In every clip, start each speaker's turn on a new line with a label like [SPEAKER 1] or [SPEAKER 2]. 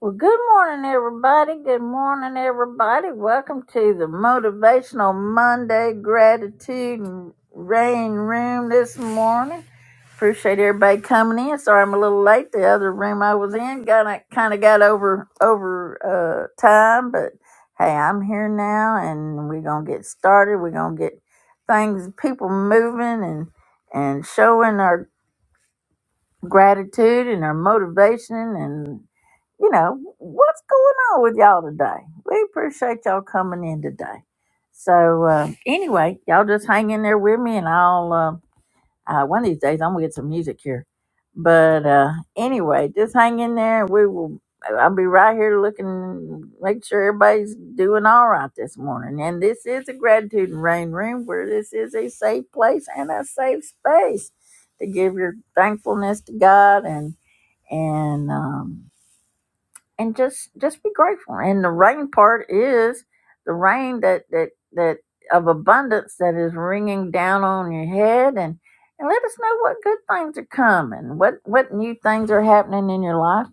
[SPEAKER 1] Well, good morning, everybody. Good morning, everybody. Welcome to the Motivational Monday Gratitude and Rain Room this morning. Appreciate everybody coming in. Sorry I'm a little late. The other room I was in got kind of got over over uh, time, but hey, I'm here now, and we're gonna get started. We're gonna get things, people moving, and and showing our gratitude and our motivation and you know, what's going on with y'all today? We appreciate y'all coming in today. So uh, anyway, y'all just hang in there with me, and I'll uh, uh, one of these days I'm gonna get some music here. But uh, anyway, just hang in there, and we will. I'll be right here looking, make sure everybody's doing all right this morning. And this is a gratitude and rain room where this is a safe place and a safe space to give your thankfulness to God and and um, and just just be grateful and the rain part is the rain that that that of abundance that is ringing down on your head and and let us know what good things are coming what what new things are happening in your life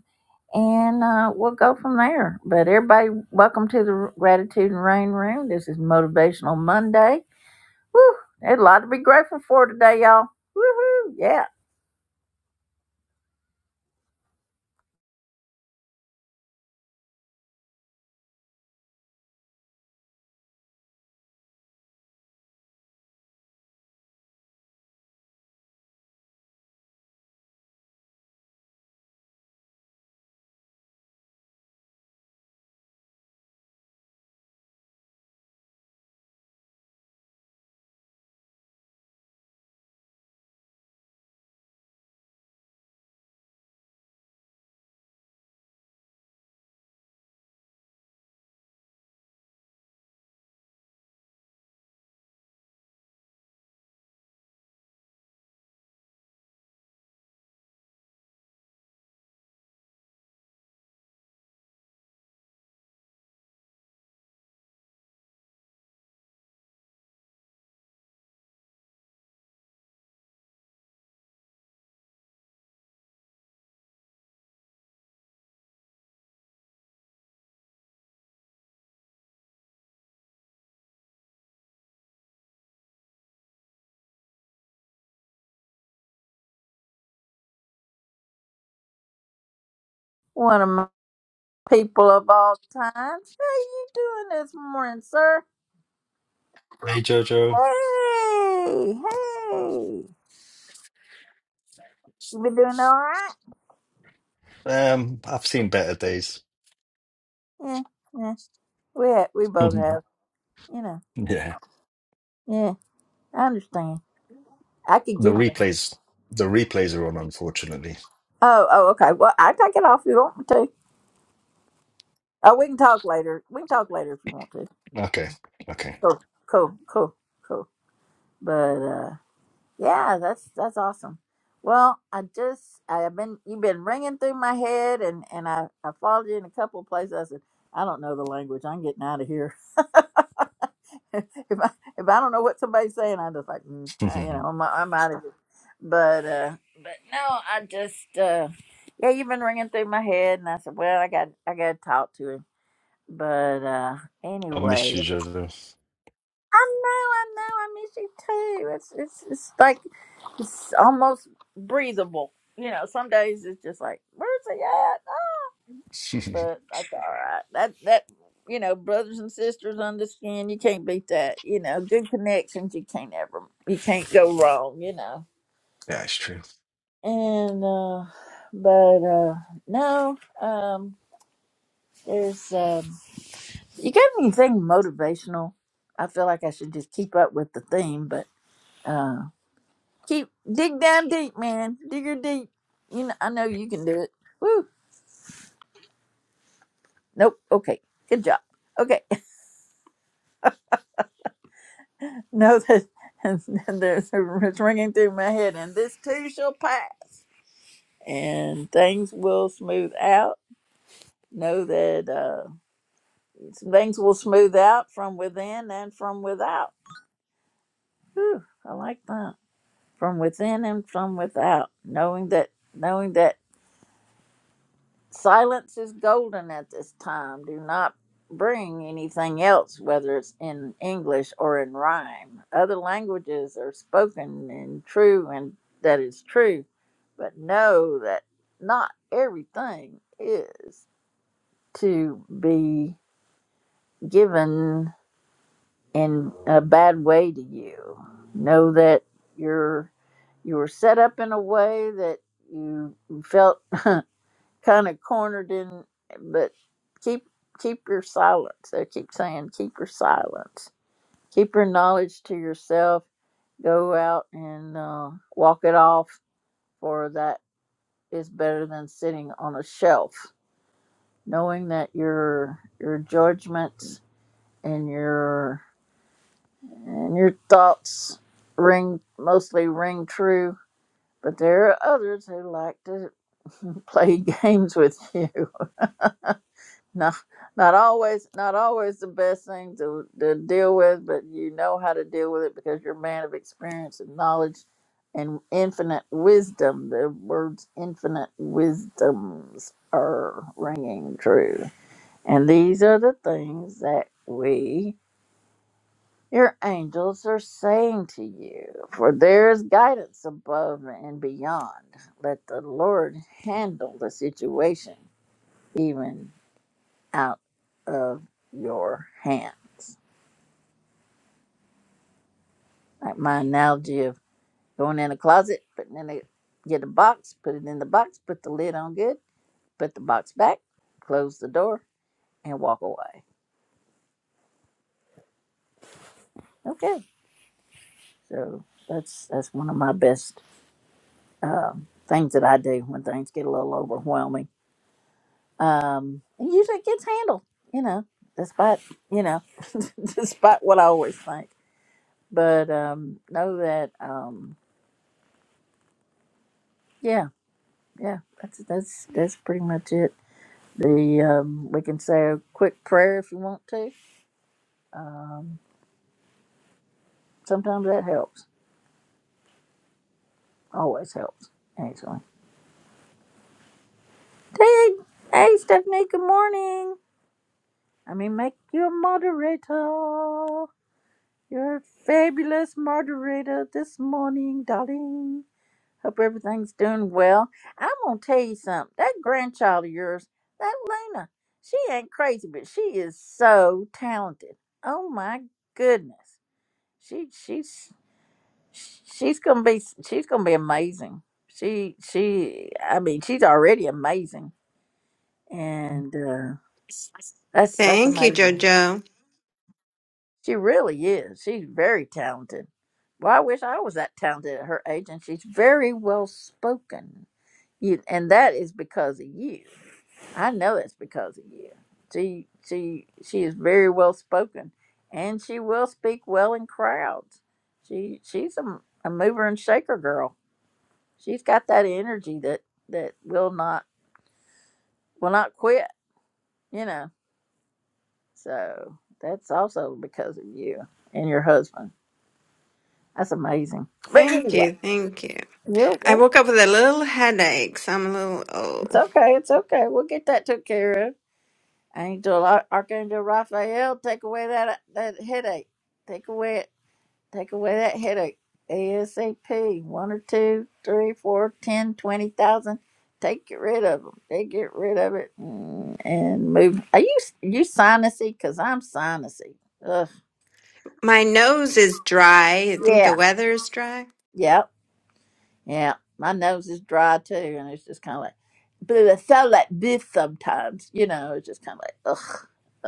[SPEAKER 1] and uh, we'll go from there but everybody welcome to the gratitude and rain room this is motivational monday Woo, there's a lot to be grateful for today y'all Woohoo, yeah one of my people of all times how you doing this morning sir
[SPEAKER 2] Hey Jojo,
[SPEAKER 1] Hey, hey. You been doing all right?
[SPEAKER 2] um, I've seen better days.
[SPEAKER 1] Yeah, yeah. We ha- we both have, you know.
[SPEAKER 2] Yeah,
[SPEAKER 1] Yeah, I understand. I could
[SPEAKER 2] the
[SPEAKER 1] give you.
[SPEAKER 2] replays, the replays are on, unfortunately.
[SPEAKER 1] Oh, oh, okay. Well, I take it off if you want me to. Oh, we can talk later. We can talk later if you want to.
[SPEAKER 2] Okay, okay.
[SPEAKER 1] Cool, cool, cool, cool. But uh, yeah, that's that's awesome. Well, I just I've been you've been ringing through my head, and and I I followed you in a couple of places. I said I don't know the language. I'm getting out of here. if I if I don't know what somebody's saying, I'm just like, mm, uh, you know,
[SPEAKER 2] I
[SPEAKER 1] I'm I'm out of here. But uh, but no, I just uh, yeah, you've been ringing through my head, and I said, well, I got I got to talk to him. But uh,
[SPEAKER 2] miss
[SPEAKER 1] anyway,
[SPEAKER 2] you, Jojo.
[SPEAKER 1] I know, I know, I miss you too. It's it's it's like it's almost breathable. You know, some days it's just like, where's he at? but that's all right. That that you know, brothers and sisters understand. You can't beat that. You know, good connections. You can't ever. You can't go wrong. You know.
[SPEAKER 2] Yeah, it's true.
[SPEAKER 1] And uh, but uh, no, um, there's um, you got anything motivational? I feel like I should just keep up with the theme, but uh, keep dig down deep, man. Dig your deep. You know, I know you can do it. Woo. Nope. Okay. Good job. Okay. No, that there's it's ringing through my head, and this too shall pass, and things will smooth out. Know that uh, things will smooth out from within and from without. Whew, I like that. From within and from without, knowing that, knowing that. Silence is golden at this time. Do not bring anything else, whether it's in English or in rhyme. Other languages are spoken and true, and that is true, but know that not everything is to be given in a bad way to you. Know that you're you were set up in a way that you felt kind of cornered in but keep keep your silence They keep saying keep your silence keep your knowledge to yourself go out and uh, walk it off for that is better than sitting on a shelf knowing that your your judgments and your and your thoughts ring mostly ring true but there are others who like to play games with you No, not always, not always the best thing to, to deal with, but you know how to deal with it because you're a man of experience and knowledge and infinite wisdom. The words infinite wisdoms are ringing true. And these are the things that we, your angels, are saying to you. For there is guidance above and beyond. Let the Lord handle the situation, even out of your hands. Like my analogy of going in a closet, putting in a get a box, put it in the box, put the lid on good, put the box back, close the door, and walk away. Okay, so that's that's one of my best um, things that I do when things get a little overwhelming. Um, and usually it gets handled, you know, despite you know, despite what I always think. But um, know that um, yeah, Yeah, that's that's that's pretty much it. The um, we can say a quick prayer if you want to. Um, sometimes that helps. Always helps. Actually. Hey, hey, Stephanie. Good morning. I mean, make you a moderator. You're a fabulous moderator this morning, darling. Hope everything's doing well. I'm gonna tell you something. That grandchild of yours, that Luna, she ain't crazy, but she is so talented. Oh my goodness, she she's she's gonna be she's gonna be amazing. She she I mean she's already amazing, and uh, that's that's
[SPEAKER 3] Thank you,
[SPEAKER 1] amazing.
[SPEAKER 3] Jojo.
[SPEAKER 1] She really is. She's very talented. Well, I wish I was that talented at her age, and she's very well spoken. You, and that is because of you I know it's because of you. She she she is very well spoken, and she will speak well in crowds. She she's a, a mover and shaker girl. She's got that energy that that will not will not quit. You know, so that's also because of you and your husband. That's amazing. But
[SPEAKER 3] Thank
[SPEAKER 1] anyway,
[SPEAKER 3] you, thank you.
[SPEAKER 1] you're
[SPEAKER 3] I
[SPEAKER 1] welcome.
[SPEAKER 3] woke up with a little headache, so I'm a little oh.
[SPEAKER 1] It's okay. It's okay. We'll get that took care of. Angel Ar- Archangel Raphael, take away that that headache. Take away it. Take away that headache. ASAP. One or two, three, four, ten, twenty thousand. Take it rid of them. They get rid of it mm, and move. Are you you sinusy? Cause I'm sinusy. Ugh.
[SPEAKER 3] My nose is dry. I think the
[SPEAKER 1] Yeah.
[SPEAKER 3] weather is dry.
[SPEAKER 1] Yep. Yeah. My nose is dry too, and it's just kind of like, but I sound like this sometimes. You know, it's just kind of like, ugh.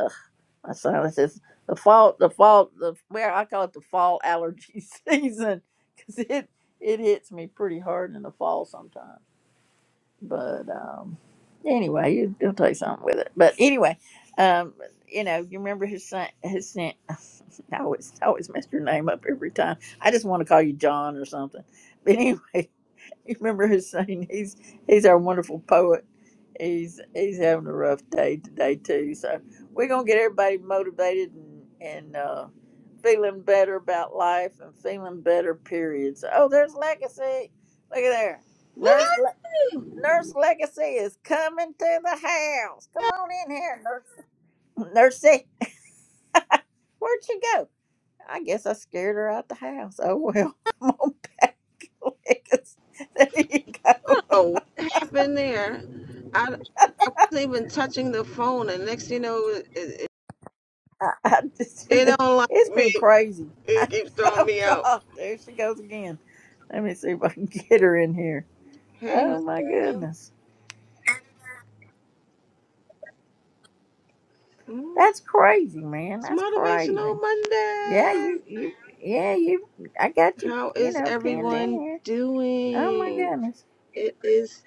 [SPEAKER 1] My son says the fall, the fall, the where I call it the fall allergy season because it it hits me pretty hard in the fall sometimes. But um, anyway, you, you'll take something with it. But anyway, um, you know, you remember his son, his son. I always I always mess your name up every time. I just want to call you John or something. But anyway, You remember his saying? He's he's our wonderful poet. He's he's having a rough day today too. So we're gonna get everybody motivated and and uh, feeling better about life and feeling better. Period. So, oh, there's legacy. Look at there, nurse.
[SPEAKER 4] Whoa!
[SPEAKER 1] Le- Nurse Legacy is coming to the house. Come on in here, Nurse. Nursey, where'd she go? I guess I scared her out the house. Oh well, come on back, Legacy. There you go.
[SPEAKER 4] What happened there? I, I wasn't even touching the phone, and next thing you know, it, it,
[SPEAKER 1] I, I just,
[SPEAKER 4] it don't like
[SPEAKER 1] it's been
[SPEAKER 4] me.
[SPEAKER 1] crazy.
[SPEAKER 4] It keeps throwing
[SPEAKER 1] oh
[SPEAKER 4] me out.
[SPEAKER 1] God, there she goes again. Let me see if I can get her in here.
[SPEAKER 4] Hey,
[SPEAKER 1] Oh
[SPEAKER 4] who's
[SPEAKER 1] my
[SPEAKER 4] there?
[SPEAKER 1] goodness,
[SPEAKER 4] Mm,
[SPEAKER 1] that's crazy, man.
[SPEAKER 4] It's
[SPEAKER 1] That's crazy.
[SPEAKER 4] Motivational
[SPEAKER 1] Yeah, you,
[SPEAKER 4] Monday.
[SPEAKER 1] you, yeah, you. I got you,
[SPEAKER 4] How
[SPEAKER 1] you
[SPEAKER 4] is
[SPEAKER 1] know, pinned in
[SPEAKER 4] everyone
[SPEAKER 1] here. Oh my
[SPEAKER 4] doing?
[SPEAKER 1] goodness.
[SPEAKER 4] It is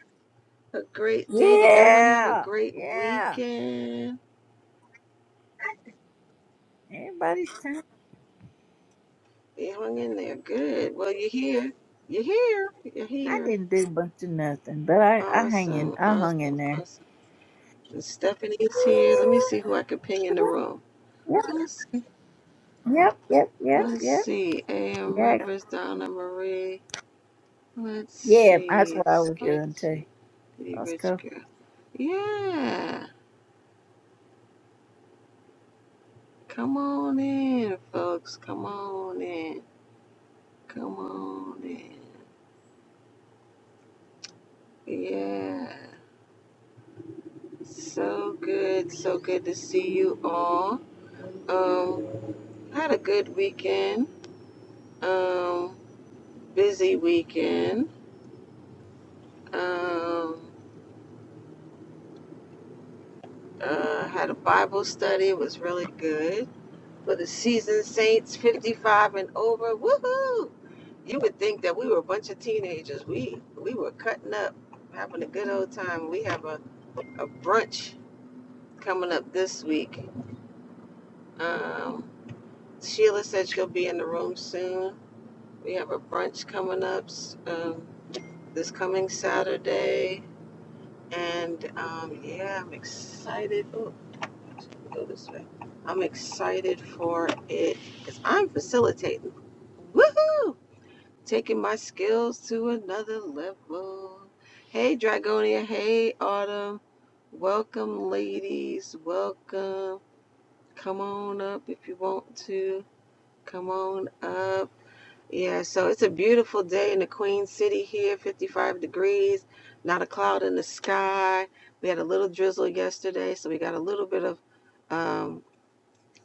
[SPEAKER 4] a great day. Did everyone have a
[SPEAKER 1] Yeah,
[SPEAKER 4] great
[SPEAKER 1] yeah.
[SPEAKER 4] weekend?
[SPEAKER 1] Everybody's time.
[SPEAKER 4] You hung in there. Good. Well, you're here. You're here. You're
[SPEAKER 1] I
[SPEAKER 4] here.
[SPEAKER 1] didn't do much of nothing, but I, I hang in,
[SPEAKER 4] Awesome.
[SPEAKER 1] I hung in
[SPEAKER 4] Awesome.
[SPEAKER 1] there.
[SPEAKER 4] Awesome. Stephanie's here. Let me see who I can ping in the room.
[SPEAKER 1] Yeah, Yep,
[SPEAKER 4] Let's see.
[SPEAKER 1] yep, yep, yep,
[SPEAKER 4] let's
[SPEAKER 1] yep.
[SPEAKER 4] see. A.M.
[SPEAKER 1] Yeah,
[SPEAKER 4] Rivers, Donna Marie. Let's
[SPEAKER 1] Yeah, that's
[SPEAKER 4] see.
[SPEAKER 1] what I was doing too.
[SPEAKER 4] Sketchy. The
[SPEAKER 1] That's
[SPEAKER 4] rich
[SPEAKER 1] cool.
[SPEAKER 4] girl. Yeah. Come on in, folks. Come on in. Come on in. Yeah. So good. So good to see you all. Um, had a good weekend. Um, busy weekend. Um, Uh, had a Bible study. It was really good. For the seasoned saints, 55 and over. Woohoo! You would think that we were a bunch of teenagers. We we were cutting up, having a good old time. We have a, a brunch coming up this week. Um, Sheila said she'll be in the room soon. We have a brunch coming up um, this coming Saturday. And um, yeah, I'm excited. Oh, Go this way. I'm excited for it because I'm facilitating. Woohoo! Taking my skills to another level. Hey, Dragonia. Hey, Autumn. Welcome, ladies. Welcome. Come on up if you want to. Come on up. Yeah, so it's a beautiful day in the Queen City here, 55 degrees, not a cloud in the sky. We had a little drizzle yesterday, so we got a little bit of um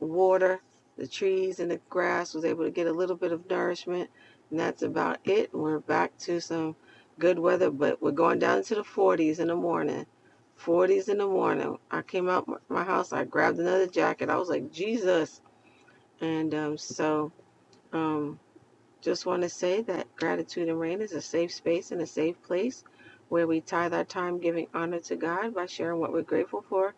[SPEAKER 4] water. The trees and the grass was able to get a little bit of nourishment, and that's about it. We're back to some good weather, but we're going down into the 40s in the morning. 40s in the morning. I came out my house. I grabbed another jacket. I was like, Jesus. And um, so um, just want to say that Gratitude and Rain is a safe space and a safe place where we tithe our time giving honor to God by sharing what we're grateful for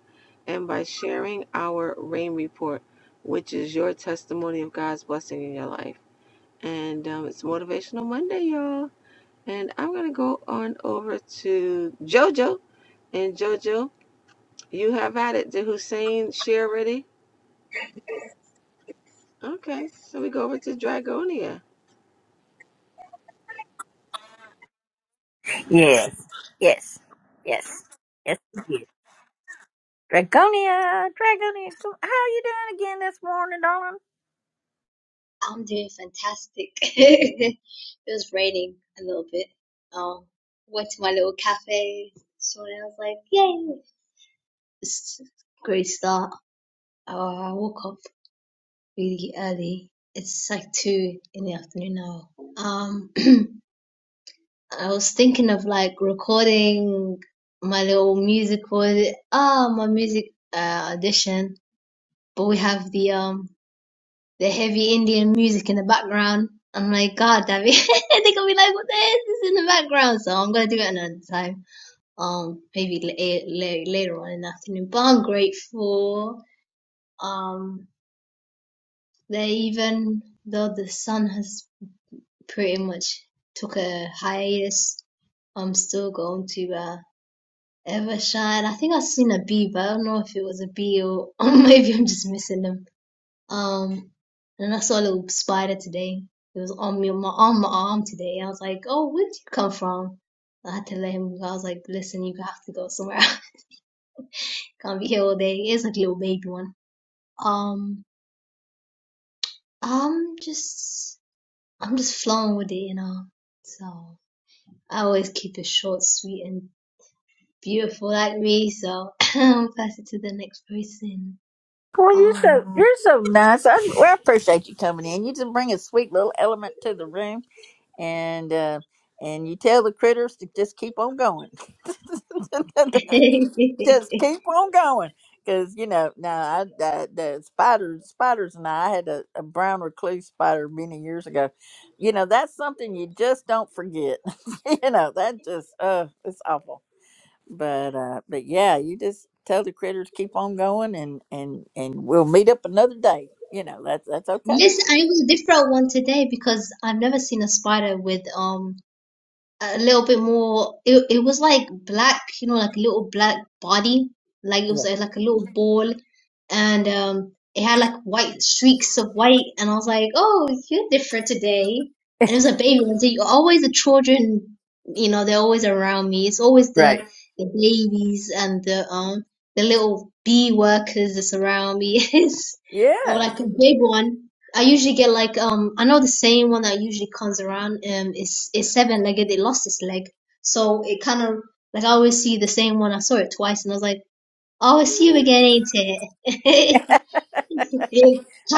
[SPEAKER 4] and by sharing our rain report, which is your testimony of God's blessing in your life. And um, it's Motivational Monday, y'all. And I'm going to go on over to JoJo. And JoJo, you have at it. Did Hussein share already? Okay, so we go over to Dragonia.
[SPEAKER 1] Yes. Yes. Yes. Yes. you did. Dragonia, Dragonia, come- how are you doing again this morning, darling?
[SPEAKER 5] I'm doing fantastic. It was raining a little bit. Um, went to my little cafe, so I was like, yay! It's a great start. Uh, I woke up really early. It's like two in the afternoon now. Um, I was thinking of like recording my little music for the, ah, my music uh, audition, but we have the um the heavy Indian music in the background. I'm like, God, David, they're gonna be like, what the hell is this in the background? So I'm gonna do it another time, um, maybe la- eh, la- later on in the afternoon. But I'm grateful. Um, they even though the sun has pretty much took a hiatus, I'm still going to uh, ever shine. I think I've seen a bee, but I don't know if it was a bee or, or maybe I'm just missing them. Um, and I saw a little spider today. It was on me, on my on my arm today. I was like, "Oh, where'd you come from?" I had to let him. go. I was like, "Listen, you have to go somewhere. Can't be here all day." It's like a little baby one. Um, I'm just, I'm just flowing with it, you know. So I always keep it short, sweet, and beautiful, like me. So I'll pass it to the next person.
[SPEAKER 1] Boy, you're
[SPEAKER 5] Um.
[SPEAKER 1] so you're so nice. I, well, I appreciate you coming in. You just bring a sweet little element to the room, and uh, and you tell the critters to just keep on going. just keep on going because you know now I, I the spiders spiders and I, I had a, a brown recluse spider many years ago you know that's something you just don't forget you know that just uh it's awful but uh but yeah you just tell the critters keep on going and and and we'll meet up another day you know that's that's okay
[SPEAKER 5] Yes, I was a different one today because I've never seen a spider with um a little bit more. It it was like black, you know, like a little black body, like it
[SPEAKER 1] yeah
[SPEAKER 5] was uh, like a little ball, and um it had like white streaks of white, and I was like, oh, you're different today. And it was a baby one. So you always the children, you know, they're always around me. It's always the
[SPEAKER 1] right
[SPEAKER 5] the babies and the um the little bee workers that's around me. It's or
[SPEAKER 1] yeah
[SPEAKER 5] like a big one. I usually get like um I know the same one that usually comes around um is is seven legged. It lost its leg, so it kind of like I always see the same one. I saw it twice, and I was like, "Oh, it's you again, ain't it?"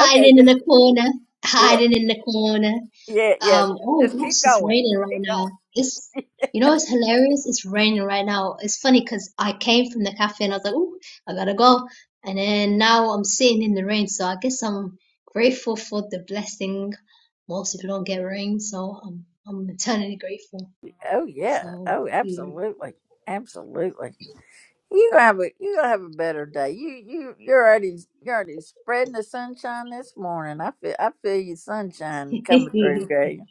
[SPEAKER 1] okay
[SPEAKER 5] in
[SPEAKER 1] just
[SPEAKER 5] the corner,
[SPEAKER 1] yeah
[SPEAKER 5] hiding in the corner.
[SPEAKER 1] yeah yeah
[SPEAKER 5] Um, oh
[SPEAKER 1] just keep
[SPEAKER 5] gosh, it's
[SPEAKER 1] going
[SPEAKER 5] raining
[SPEAKER 1] just
[SPEAKER 5] right
[SPEAKER 1] keep going
[SPEAKER 5] now. It's, you know, it's hilarious. It's raining right now. It's funny because I came from the cafe and I was like, "Ooh, I gotta go," and then now I'm sitting in the rain. So I guess I'm grateful for the blessing. Most people don't get rain, so I'm I'm eternally grateful.
[SPEAKER 1] oh yeah
[SPEAKER 5] So.
[SPEAKER 1] oh
[SPEAKER 5] mm.
[SPEAKER 1] absolutely Absolutely. You gonna have a you gonna have a better day. You you you're already you're already spreading the sunshine this morning. I feel I feel your sunshine coming through, Gay.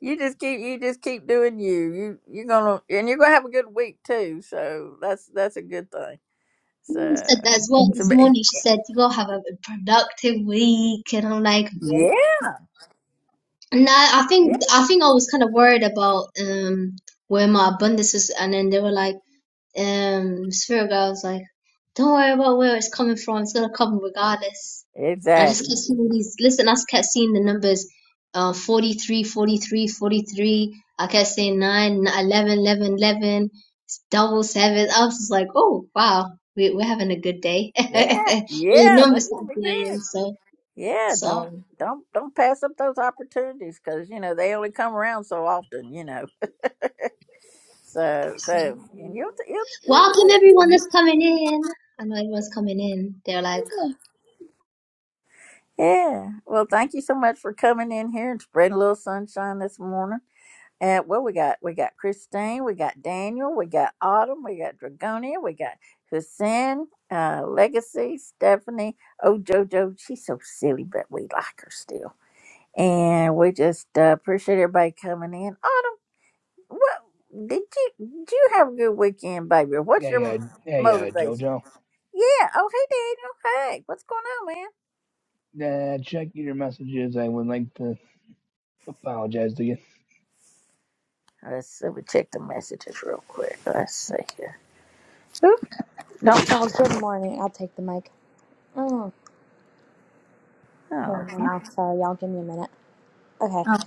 [SPEAKER 1] You just keep you just keep doing you. You you're gonna and you're gonna have a good week too. So that's that's a good thing.
[SPEAKER 5] Mom said
[SPEAKER 1] So
[SPEAKER 5] that as well
[SPEAKER 1] so
[SPEAKER 5] this
[SPEAKER 1] but-
[SPEAKER 5] morning. She said, "You gotta have a productive week," and I'm like,
[SPEAKER 1] yeah
[SPEAKER 5] And I, I
[SPEAKER 1] yeah
[SPEAKER 5] think I think I was kind of worried about um where my abundance is, and then they were like, um, Spirit Guy was like, "Don't worry about where it's coming from. It's gonna come regardless." And I
[SPEAKER 1] exactly
[SPEAKER 5] just kept seeing these. Listen, I just kept seeing the numbers, uh, 43, forty-three, forty-three. I kept saying 9, n- 11, 11, eleven, double seven. I was just like, "Oh wow, we, we're having a good day."
[SPEAKER 1] yeah
[SPEAKER 5] the
[SPEAKER 1] yeah
[SPEAKER 5] numbers
[SPEAKER 1] that's
[SPEAKER 5] start
[SPEAKER 1] gonna be
[SPEAKER 5] flying,
[SPEAKER 1] good.
[SPEAKER 5] so
[SPEAKER 1] Yeah don't
[SPEAKER 5] so.
[SPEAKER 1] don't don't pass up those opportunities because you know they only come around so often. You know So, so,
[SPEAKER 5] Absolutely.
[SPEAKER 1] and you'll, you'll, you'll
[SPEAKER 5] Welcome
[SPEAKER 1] do
[SPEAKER 5] everyone that's
[SPEAKER 1] it.
[SPEAKER 5] coming in. I know everyone's coming in. They're like,
[SPEAKER 1] Yeah. Well, thank you so much for coming in here and spreading a little sunshine this morning. And well, we got we got Christine, we got Daniel, we got Autumn, we got Dragonia, we got Hussein, uh, Legacy, Stephanie. Oh, JoJo, she's so silly, but we like her still. And we just uh, appreciate everybody coming in. Autumn, what did you did you have a good weekend, baby? What's
[SPEAKER 6] Yeah,
[SPEAKER 1] your m-
[SPEAKER 6] yeah, yeah, yeah,
[SPEAKER 1] motivation?
[SPEAKER 6] Jojo.
[SPEAKER 1] Yeah. Oh, hey, Daniel. Hey, what's going on, man?
[SPEAKER 6] Uh, check your messages. I would like to apologize to you.
[SPEAKER 1] Let's see. We check the messages real quick. Let's see here. Oop, don't.
[SPEAKER 7] Oh, good morning. I'll take the mic. Oh,
[SPEAKER 1] Oh,
[SPEAKER 7] here,
[SPEAKER 1] okay.
[SPEAKER 7] I'm Sorry, y'all. Give me a minute. Okay.
[SPEAKER 1] oh,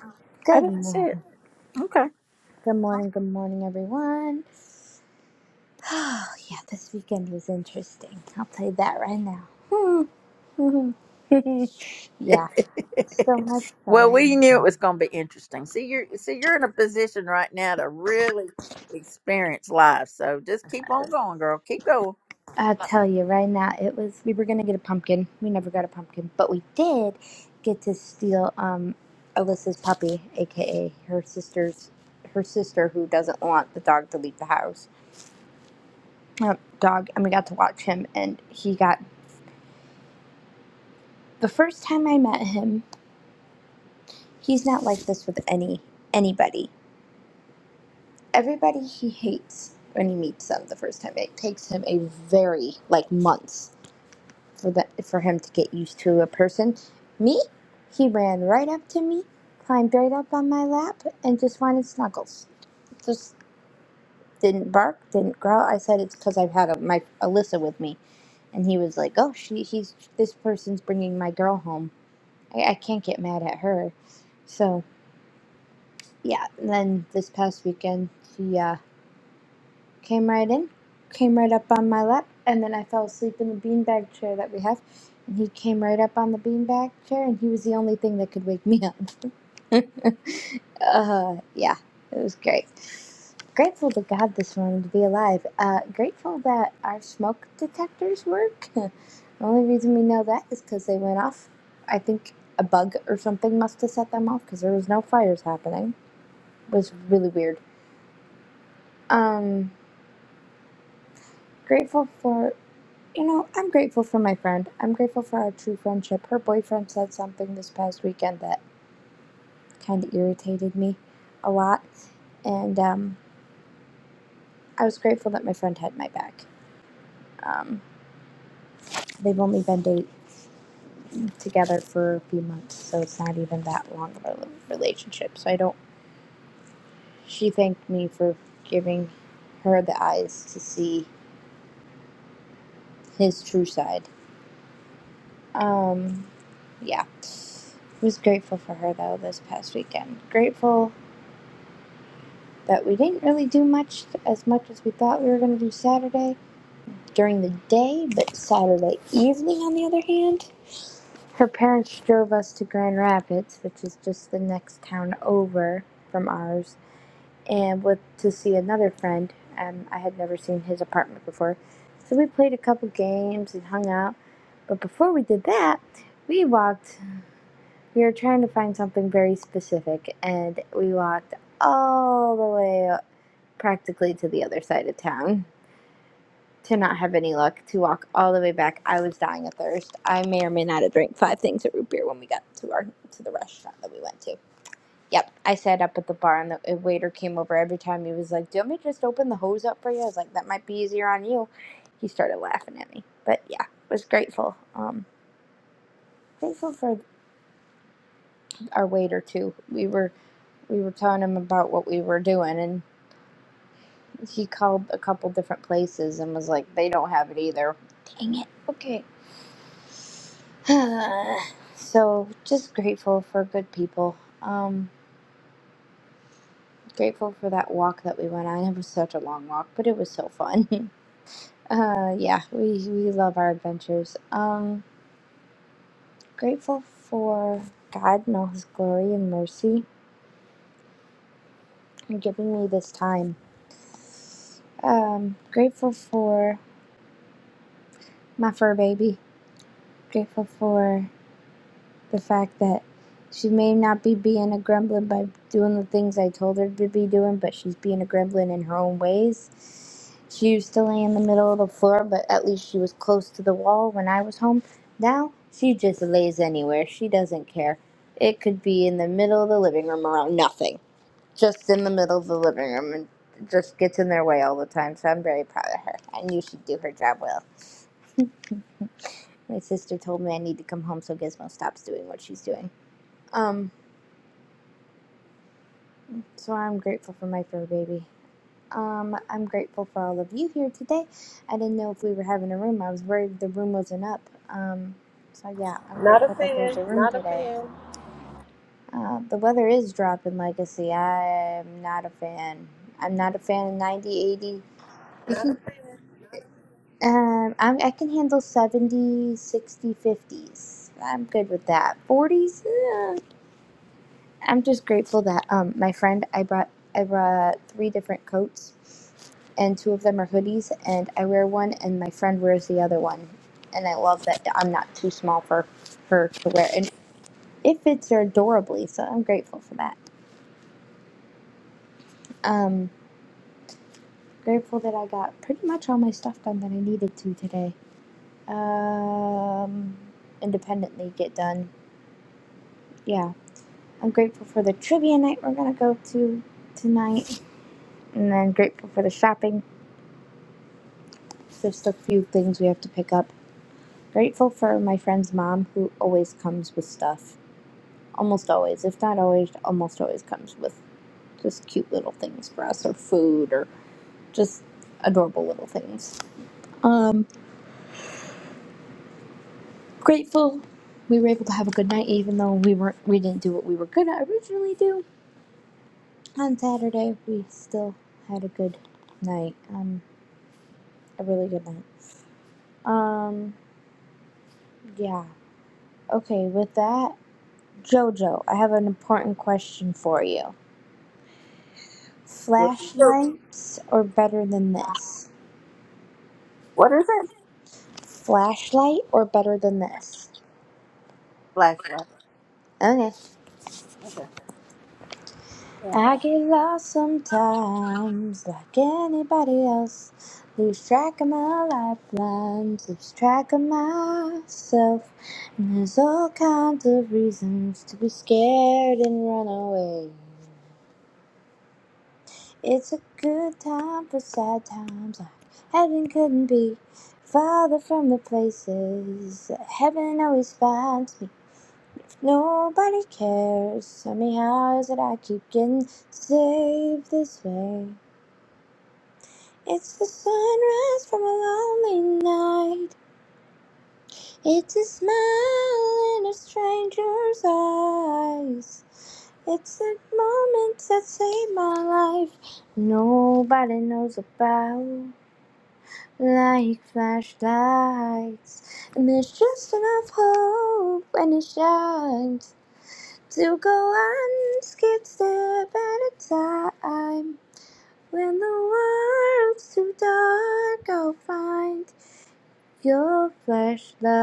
[SPEAKER 1] I
[SPEAKER 7] Good
[SPEAKER 1] didn't see it.
[SPEAKER 7] morning.
[SPEAKER 1] Okay.
[SPEAKER 7] Good morning. Good morning, everyone. Oh, yeah, this weekend was interesting. I'll tell you that right now. yeah, so much
[SPEAKER 1] well,
[SPEAKER 7] fun.
[SPEAKER 1] we knew it was going to be interesting. See, you're see, you're in a position right now to really experience life. So just keep on going, girl. Keep going.
[SPEAKER 7] I'll tell you right now. It was. We were gonna get a pumpkin. We never got a pumpkin, but we did get to steal um Alyssa's puppy, aka her sister's her sister who doesn't want the dog to leave the house. uh, dog and we got to watch him and he got the first time i met him he's not like this with any anybody everybody he hates when he meets them the first time it takes him a very like months for the for him to get used to a person me he ran right up to me climbed right up on my lap and just wanted snuggles just didn't bark didn't growl i said it's because i've had a, my alyssa with me and he was like oh she he's this person's bringing my girl home I, I can't get mad at her. So yeah, and then this past weekend she uh, came right in, came right up on my lap, and then I fell asleep in the beanbag chair that we have, and he came right up on the beanbag chair, and he was the only thing that could wake me up. Uh, yeah, it was great. Grateful to God this morning to be alive. Uh, grateful that our smoke detectors work. the only reason we know that is because they went off. I think a bug or something must have set them off because there was no fires happening. It was really weird. Um, grateful for, you know, I'm grateful for my friend. I'm grateful for our true friendship. Her boyfriend said something this past weekend that kind of irritated me a lot. And um, I was grateful that my friend had my back. Um, they've only been date- together for a few months, so it's not even that long of a relationship. So I don't. She thanked me for giving her the eyes to see his true side. Um, yeah. Was grateful for her though this past weekend. Grateful that we didn't really do much as much as we thought we were going to do Saturday during the day, but Saturday evening, on the other hand. Her parents drove us to Grand Rapids, which is just the next town over from ours, and with to see another friend. Um, I had never seen his apartment before, so we played a couple games and hung out. But before we did that, we walked. We were trying to find something very specific, and we walked all the way practically to the other side of town to not have any luck to walk all the way back. I was dying of thirst. I may or may not have drank five things of root beer when we got to our to the restaurant that we went to. Yep, I sat up at the bar and the waiter came over every time. He was like, "Do you want me to just open the hose up for you?" I was like, "That might be easier on you." He started laughing at me, but yeah, was grateful. Um, grateful for our waiter too. We were we were telling him about what we were doing, and. She called a couple different places and was like, they don't have it either. Dang it. Okay. so just grateful for good people. Um, grateful for that walk that we went on. It was such a long walk, but it was so fun. uh, yeah, we we love our adventures. Um, grateful for God and all His glory and mercy and giving me this time. Um, grateful for my fur baby. Grateful for the fact that she may not be being a gremlin by doing the things I told her to be doing, but she's being a gremlin in her own ways. She used to lay in the middle of the floor, but at least she was close to the wall when I was home. Now she just lays anywhere. She doesn't care. It could be in the middle of the living room around nothing, just in the middle of the living room and just gets in their way all the time. So I'm very proud of her. I knew she'd do her job well. My sister told me I need to come home so Gizmo stops doing what she's doing. Um, So I'm grateful for my fur baby. Um, I'm grateful for all of you here today. I didn't know if we were having a room. I was worried the room wasn't up. Um, so yeah, I'm grateful that there's a room today. Uh, the weather is dropping legacy. I'm not a fan. I'm not a fan of 90, eighty. Um, I'm, I can handle seventy, sixty, fifties. I'm good with that. 40s? I'm just grateful that um my friend I brought I brought three different coats and two of them are hoodies and I wear one and my friend wears the other one. And I love that I'm not too small for her to wear and it fits her adorably, so I'm grateful for that. Um grateful that I got pretty much all my stuff done that I needed to today. Um independently get done. Yeah. I'm grateful for the trivia night we're gonna go to tonight and then grateful for the shopping Just a few things we have to pick up. Grateful for my friend's mom who always comes with stuff. Almost always, if not always, almost always comes with just cute little things for us or food or just adorable little things. Um, grateful we were able to have a good night even though we weren't we didn't do what we were gonna originally do. On Saturday we still had a good night. Um a really good night. Um yeah. Okay, with that Jojo, I have an important question for you. Flashlights or better than this?
[SPEAKER 1] What is it?
[SPEAKER 7] Flashlight or better than this?
[SPEAKER 1] Flashlight.
[SPEAKER 7] Okay.
[SPEAKER 1] Okay. Yeah.
[SPEAKER 7] I get lost sometimes, like anybody else. Lose track of my lifelines, lose track of myself. And there's all kinds of reasons to be scared and run away. It's a good time for sad times. like Heaven couldn't be farther from the places. that Heaven always finds me. Nobody cares. Tell me how is it I keep getting saved this way? It's the sunrise from a lonely night. It's a smile in a stranger's eyes. It's the moments that save my life. Nobody knows about. like flashlights. And there's just enough hope when it shines to go one skip step at a time. When the world's too dark, I'll find your flashlight.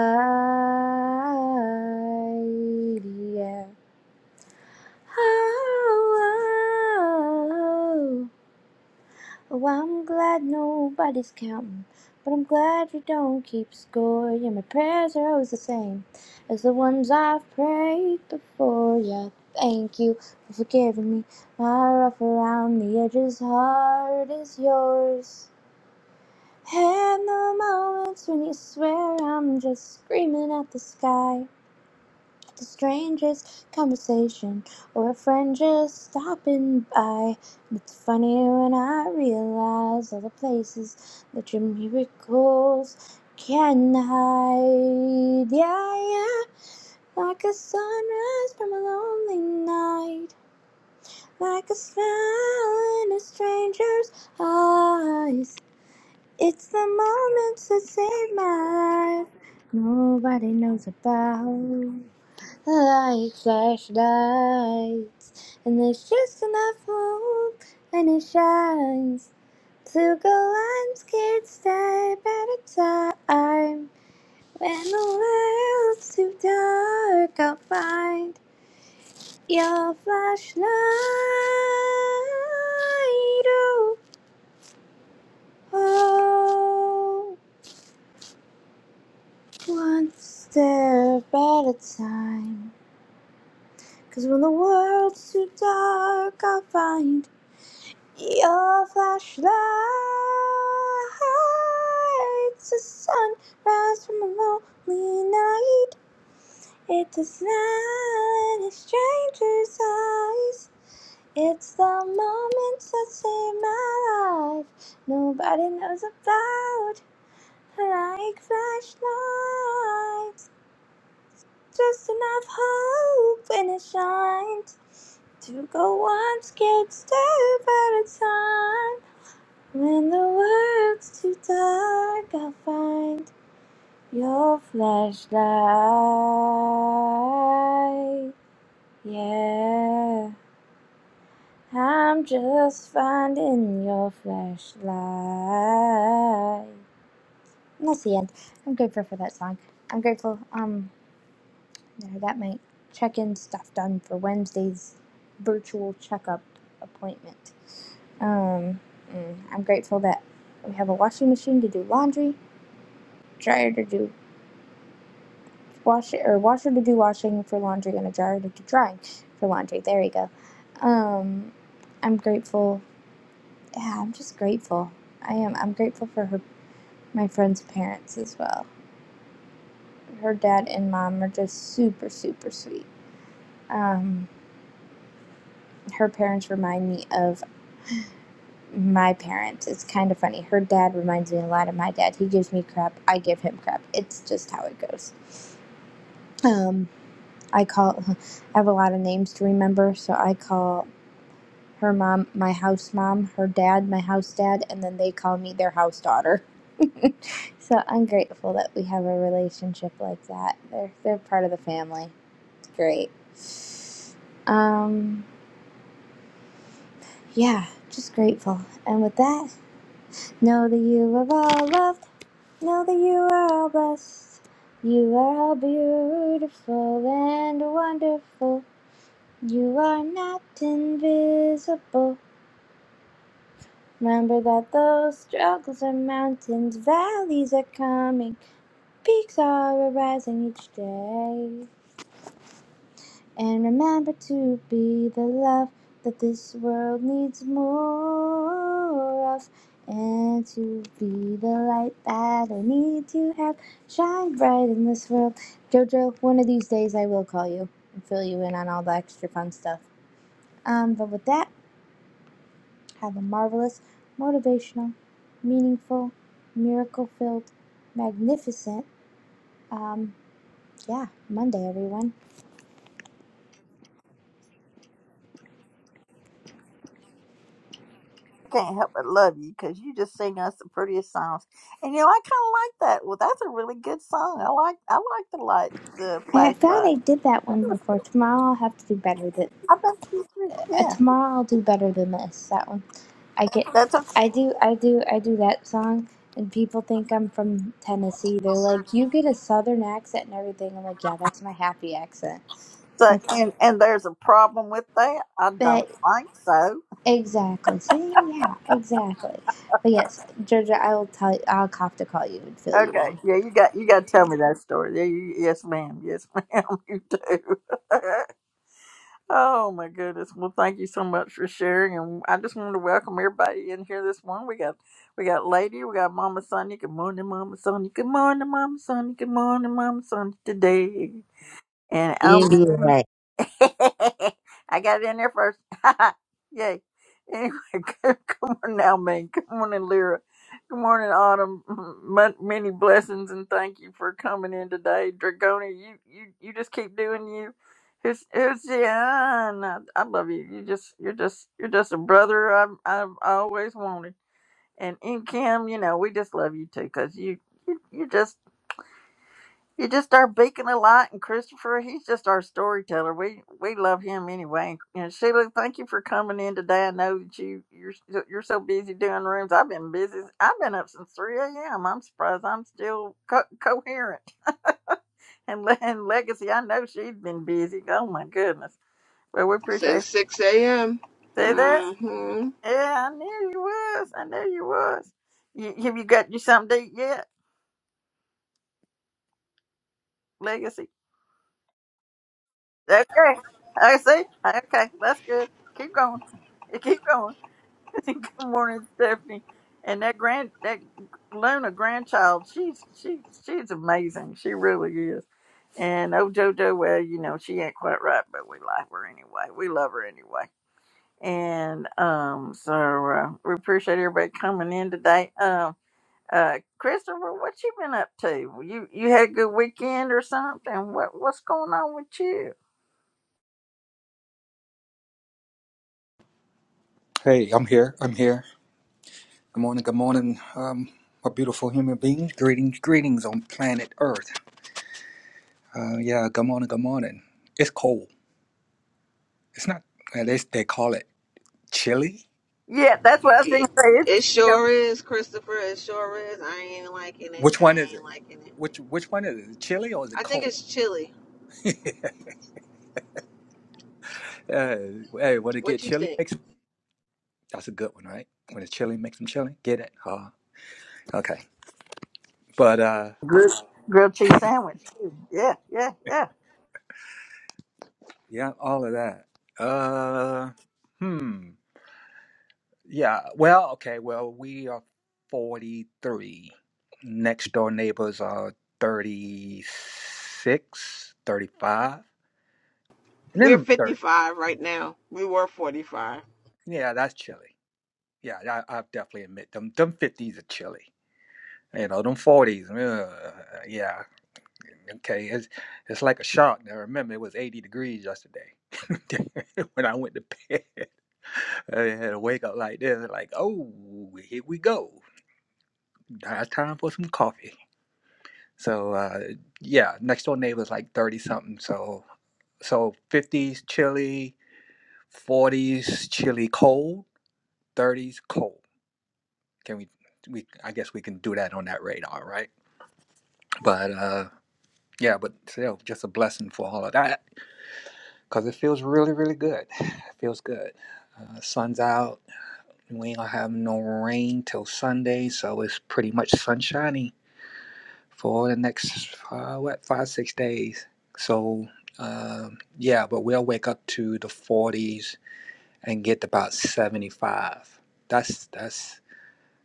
[SPEAKER 7] Yeah. Oh, oh, oh. Oh, I'm glad nobody's counting, but I'm glad we don't keep score. Yeah, my prayers are always the same as the ones I've prayed before. Yeah, thank you for forgiving me. My rough around the edges heart is yours. And the moments when you swear I'm just screaming at the sky the strangest conversation or a friend just stopping by. And it's funny when I realize all the places that your miracles can hide. Yeah, yeah, like a sunrise from a lonely night, like a smile in a stranger's eyes. It's the moments that save my life. Nobody knows about. Like flashlights, and there's just enough hope, and it shines to go on step at a time. When the world's too dark, I'll find your flashlight. Oh, oh, one step at a time. 'Cause when the world's too dark, I'll find Your flashlight's a sunrise from a lonely night. It's a smile in a stranger's eyes. It's the moments that save my life. Nobody knows about like flashlights. Just enough hope and it shines to go on scared step at a time. When the world's too dark, I'll find your flashlight. Yeah, I'm just finding your flashlight. And that's the end. I'm grateful for that song. I'm grateful. Um, that I got my check-in stuff done for Wednesday's virtual checkup appointment. Um, mm, I'm grateful that we have a washing machine to do laundry. dryer to do wash or washer to do washing for laundry and a dryer to do drying for laundry. There we go. Um, I'm grateful. Yeah, I'm just grateful. I am. I'm grateful for her, my friend's parents as well. Her dad and mom are just super, super sweet. Um, her parents remind me of my parents. It's kind of funny. Her dad reminds me a lot of my dad. He gives me crap. I give him crap. It's just how it goes. Um, I call. I have a lot of names to remember, so I call her mom my house mom, her dad my house dad, and then they call me their house daughter. So I'm grateful that we have a relationship like that. They're they're part of the family. It's great. Um, yeah, just grateful. And with that, know that you are all loved. Know that you are all blessed. You are all beautiful and wonderful. You are not invisible. Remember that those struggles are mountains, valleys are coming, peaks are arising each day. And remember to be the love that this world needs more of, and to be the light that I need to have shine bright in this world. Jojo, one of these days I will call you and fill you in on all the extra fun stuff. Um, but with that, Have a marvelous, motivational, meaningful, miracle filled, magnificent, um, yeah, Monday, everyone.
[SPEAKER 1] I can't help but love you because you just sing us the prettiest songs. And you know, I kind of like that. Well, that's a really good song. I like I like the light, the
[SPEAKER 7] I, thought
[SPEAKER 1] flashlight.
[SPEAKER 7] I did that
[SPEAKER 1] That
[SPEAKER 7] one
[SPEAKER 1] was-
[SPEAKER 7] before. Tomorrow I'll have to do better than.
[SPEAKER 1] I think you too.
[SPEAKER 7] Uh,
[SPEAKER 1] Yeah,
[SPEAKER 7] tomorrow I'll do better than this. That one. I get.
[SPEAKER 1] that's okay.
[SPEAKER 7] I do. I do. I do that song, and people think I'm from Tennessee. They're like, "You get a Southern accent and everything." I'm like, "Yeah, that's my happy accent."
[SPEAKER 1] So,
[SPEAKER 7] That's
[SPEAKER 1] and and there's a problem with that. I
[SPEAKER 7] that.
[SPEAKER 1] don't think so.
[SPEAKER 7] Exactly. So yeah, exactly. But yes, Georgia, I will tell you. I'll have to call you and fill you
[SPEAKER 1] Okay,
[SPEAKER 7] in.
[SPEAKER 1] yeah, you got you got to tell me that story. Yeah, you, yes, ma'am. Yes, ma'am. You do. Oh my goodness. Well, thank you so much for sharing. And I just wanted to welcome everybody in here this morning. We got we got Lady, we got Mama Sonia. Good morning, Mama Sonia. Good morning, Mama Sonia. Good morning, Mama Sonia today. And
[SPEAKER 8] You didn't do
[SPEAKER 1] Alma.
[SPEAKER 8] it right.
[SPEAKER 1] I got it in there first. Yay. Anyway, good, good morning, Almaine. Good morning, Lyra. Good morning, Autumn. Mon- Many blessings and thank you for coming in today. Dragonia, you, you, you just keep doing you. Who's who's Jan? I, I love you. You just you're just you're just a brother I've I've I always wanted. And in Kim, you know, we just love you too, cause you you you just you just start beacon a light, and Christopher, he's just our storyteller. We we love him anyway. And Sheila, thank you for coming in today. I know that you you're you're so busy doing rooms. I've been busy. I've been up since three a.m. I'm surprised I'm still co- coherent. And Le- and Legacy, I know she's been busy. Oh my goodness. But we appreciate
[SPEAKER 4] Since 6 a.m.
[SPEAKER 1] say that.
[SPEAKER 4] Mm-hmm.
[SPEAKER 1] Yeah, I knew you was. I knew you was. You, have you got you something to eat yet, Legacy? Okay. I see. Okay, that's good. Keep going. You Keep going. good morning, Stephanie. And that grand that Luna grandchild, she's she she's amazing. She really is. And oh Jojo, well, you know, she ain't quite right, but we like her anyway. We love her anyway. And um so uh, we appreciate everybody coming in today. Um uh Christopher, what you been up to? You you had a good weekend or something? What what's going on with you?
[SPEAKER 9] Hey, I'm here. I'm here. Good morning. Good morning. Um, a beautiful human being. Greetings, greetings on planet Earth. Uh, yeah. Good morning. Good morning. It's cold. It's not. At least they call it chilly.
[SPEAKER 1] Yeah, that's what I was going
[SPEAKER 4] It,
[SPEAKER 1] to say.
[SPEAKER 4] it
[SPEAKER 1] It's
[SPEAKER 4] sure is, Christopher. It sure is. I ain't liking it.
[SPEAKER 9] Which one
[SPEAKER 4] I
[SPEAKER 9] is
[SPEAKER 4] ain't
[SPEAKER 9] it?
[SPEAKER 4] liking it.
[SPEAKER 9] Which Which one is it? Is it chilly or is it
[SPEAKER 4] I think
[SPEAKER 9] cold?
[SPEAKER 4] it's chilly.
[SPEAKER 9] uh, hey, when it get
[SPEAKER 4] What you
[SPEAKER 9] chilly,
[SPEAKER 4] think?
[SPEAKER 9] makes that's a good one, right? When it's chilly, makes them chilly. Get it? Uh, okay. But uh,
[SPEAKER 1] a grilled, grilled cheese sandwich. too. Yeah, yeah, yeah.
[SPEAKER 9] yeah, all of that. Uh, hmm. Yeah. Well, okay. Well, we are 43. Next door neighbors are 36, 35, And then
[SPEAKER 4] We're
[SPEAKER 9] I'm 30.
[SPEAKER 4] 55 right now. We were 45.
[SPEAKER 9] Yeah, that's chilly. Yeah, I, I definitely admit them. Them 50s are chilly. You know, them 40s. ugh, yeah. Okay. It's, it's like a shock. Now, remember, it was 80 degrees yesterday when I went to bed. I had to wake up like this, like, oh, here we go. Now it's time for some coffee. So uh, yeah, next door neighbor's like thirty something. So so fifties chilly, forties chilly cold, thirties cold. Can we we I guess we can do that on that radar, right? But uh, yeah, but still just a blessing for all of that because it feels really really good. It feels good. Uh, sun's out. We ain't gonna have no rain till Sunday, so it's pretty much sunshiny for the next uh, what five six days. So um, yeah, but we'll wake up to the 40s and get about 75. That's that's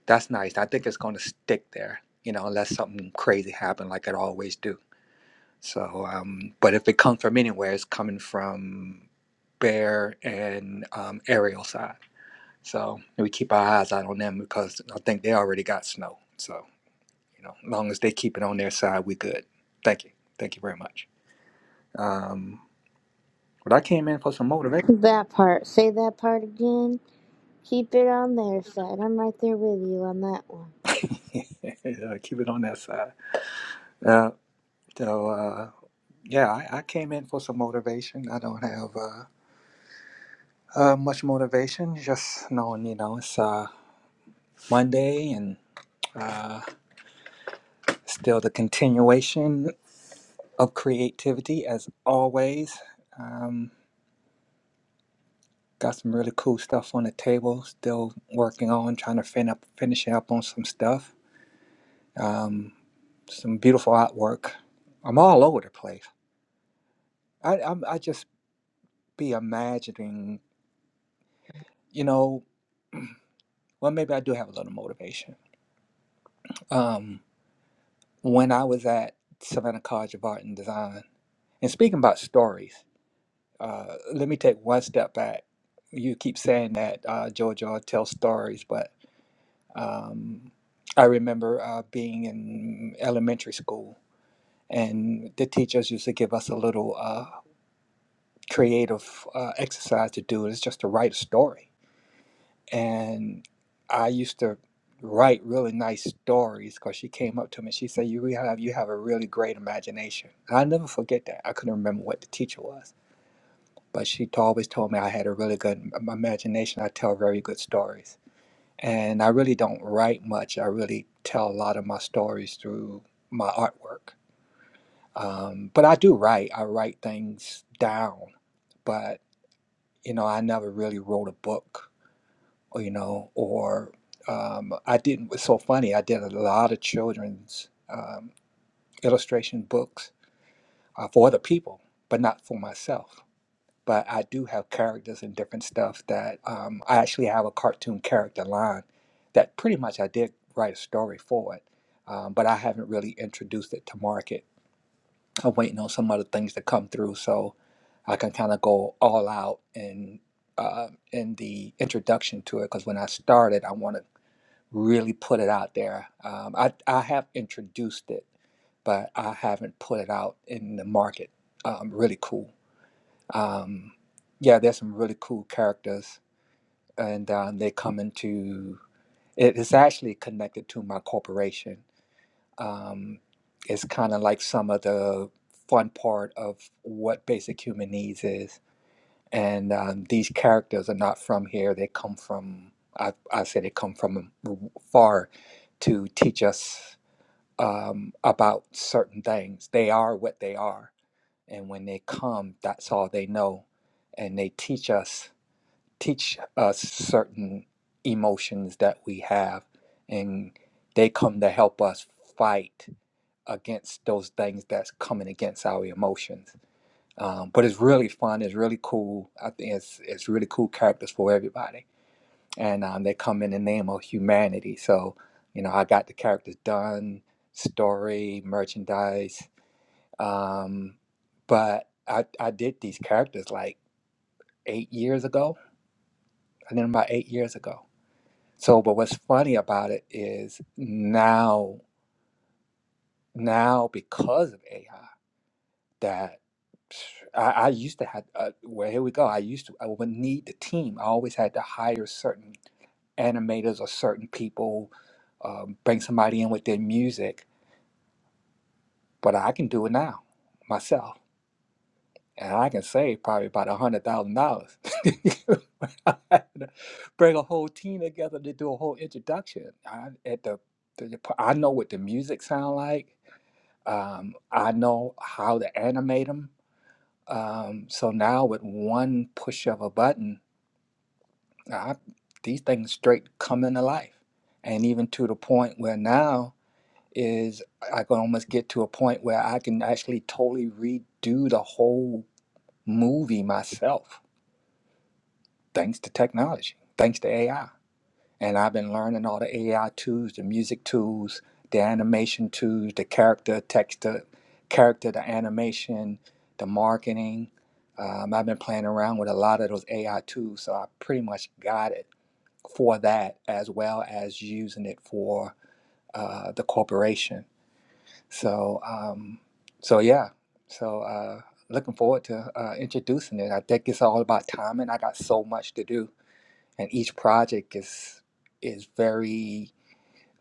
[SPEAKER 9] that's nice. I think it's going to stick there, you know, unless something crazy happens like it always do. So, um, but if it comes from anywhere, it's coming from Bear and um, Ariel side. So we keep our eyes out on them because I think they already got snow. So. You know, as long as they keep it on their side, we good. Thank you. Thank you very much. Um, but I came in for some motivation.
[SPEAKER 7] That part. Say that part again. Keep it on their side. I'm right there with you on that one.
[SPEAKER 9] uh, keep it on that side. Uh, so uh, yeah, I, I came in for some motivation. I don't have uh, uh, much motivation. Just knowing, you know, it's uh, Monday and uh, still the continuation of creativity as always. Um, got some really cool stuff on the table. Still working on trying to fin up, finish up on some stuff um, some beautiful artwork. I'm all over the place. I, I'm, I just be imagining, you know, well, maybe I do have a little motivation. Um, when I was at Savannah College of Art and Design, and speaking about stories, uh, let me take one step back. You keep saying that uh, Georgia tells stories, but um, I remember uh, being in elementary school, and the teachers used to give us a little. uh, creative uh, exercise to do is just to write a story. And I used to write really nice stories because she came up to me. She said, "You really have you have a really great imagination." And I never forget that. I couldn't remember what the teacher was, but she t- always told me I had a really good im- imagination. I tell very good stories, and I really don't write much. I really tell a lot of my stories through my artwork. Um, but I do write. I write things down, but. you know, I never really wrote a book, or, you know, or um, I didn't. It's so funny. I did a lot of children's um, illustration books uh, for other people, but not for myself. But I do have characters and different stuff that um, I actually have a cartoon character line that pretty much I did write a story for it, um, but I haven't really introduced it to market I'm waiting on some other things to come through so I can kind of go all out in uh, in the introduction to it. Because when I started, I want to really put it out there. Um, I I have introduced it, but I haven't put it out in the market. Um, really cool. Um, yeah, there's some really cool characters, and um, they come into it. it is actually connected to my corporation um, is kind of like some of the fun part of what basic human needs is. And um, these characters are not from here; they come from I, I say they come from far to teach us um, about certain things. They are what they are, and when they come, that's all they know, and they teach us teach us certain emotions that we have, and they come to help us fight against those things that's coming against our emotions. Um, but it's really fun. It's really cool. I think it's it's really cool characters for everybody, and um, they come in the name of humanity. So you know, I got the characters done, story, merchandise. Um, but I I did these characters like eight years ago. I did them about eight years ago. So, but what's funny about it is now now because of AI. that I, I used to have. Uh, well, here we go. I used to. I would need the team. I always had to hire certain animators or certain people, um, bring somebody in with their music. But I can do it now myself, and I can save probably about a hundred thousand dollars. Bring a whole team together to do a whole introduction. I, at the, the, the- I know what the music sound like. Um, I know how to animate them Um, so now with one push of a button, I, these things straight come into life. And even to the point where now is I can almost get to a point where I can actually totally redo the whole movie myself, thanks to technology, thanks to AI. and I've been learning all the AI tools, the music tools, the animation tools, the character text, the character, the animation, the marketing. Um, I've been playing around with a lot of those AI tools, so I pretty much got it for that, as well as using it for uh, the corporation. So, um, so yeah, so uh, looking forward to uh, introducing it. I think it's all about timing. I got so much to do, and each project is is very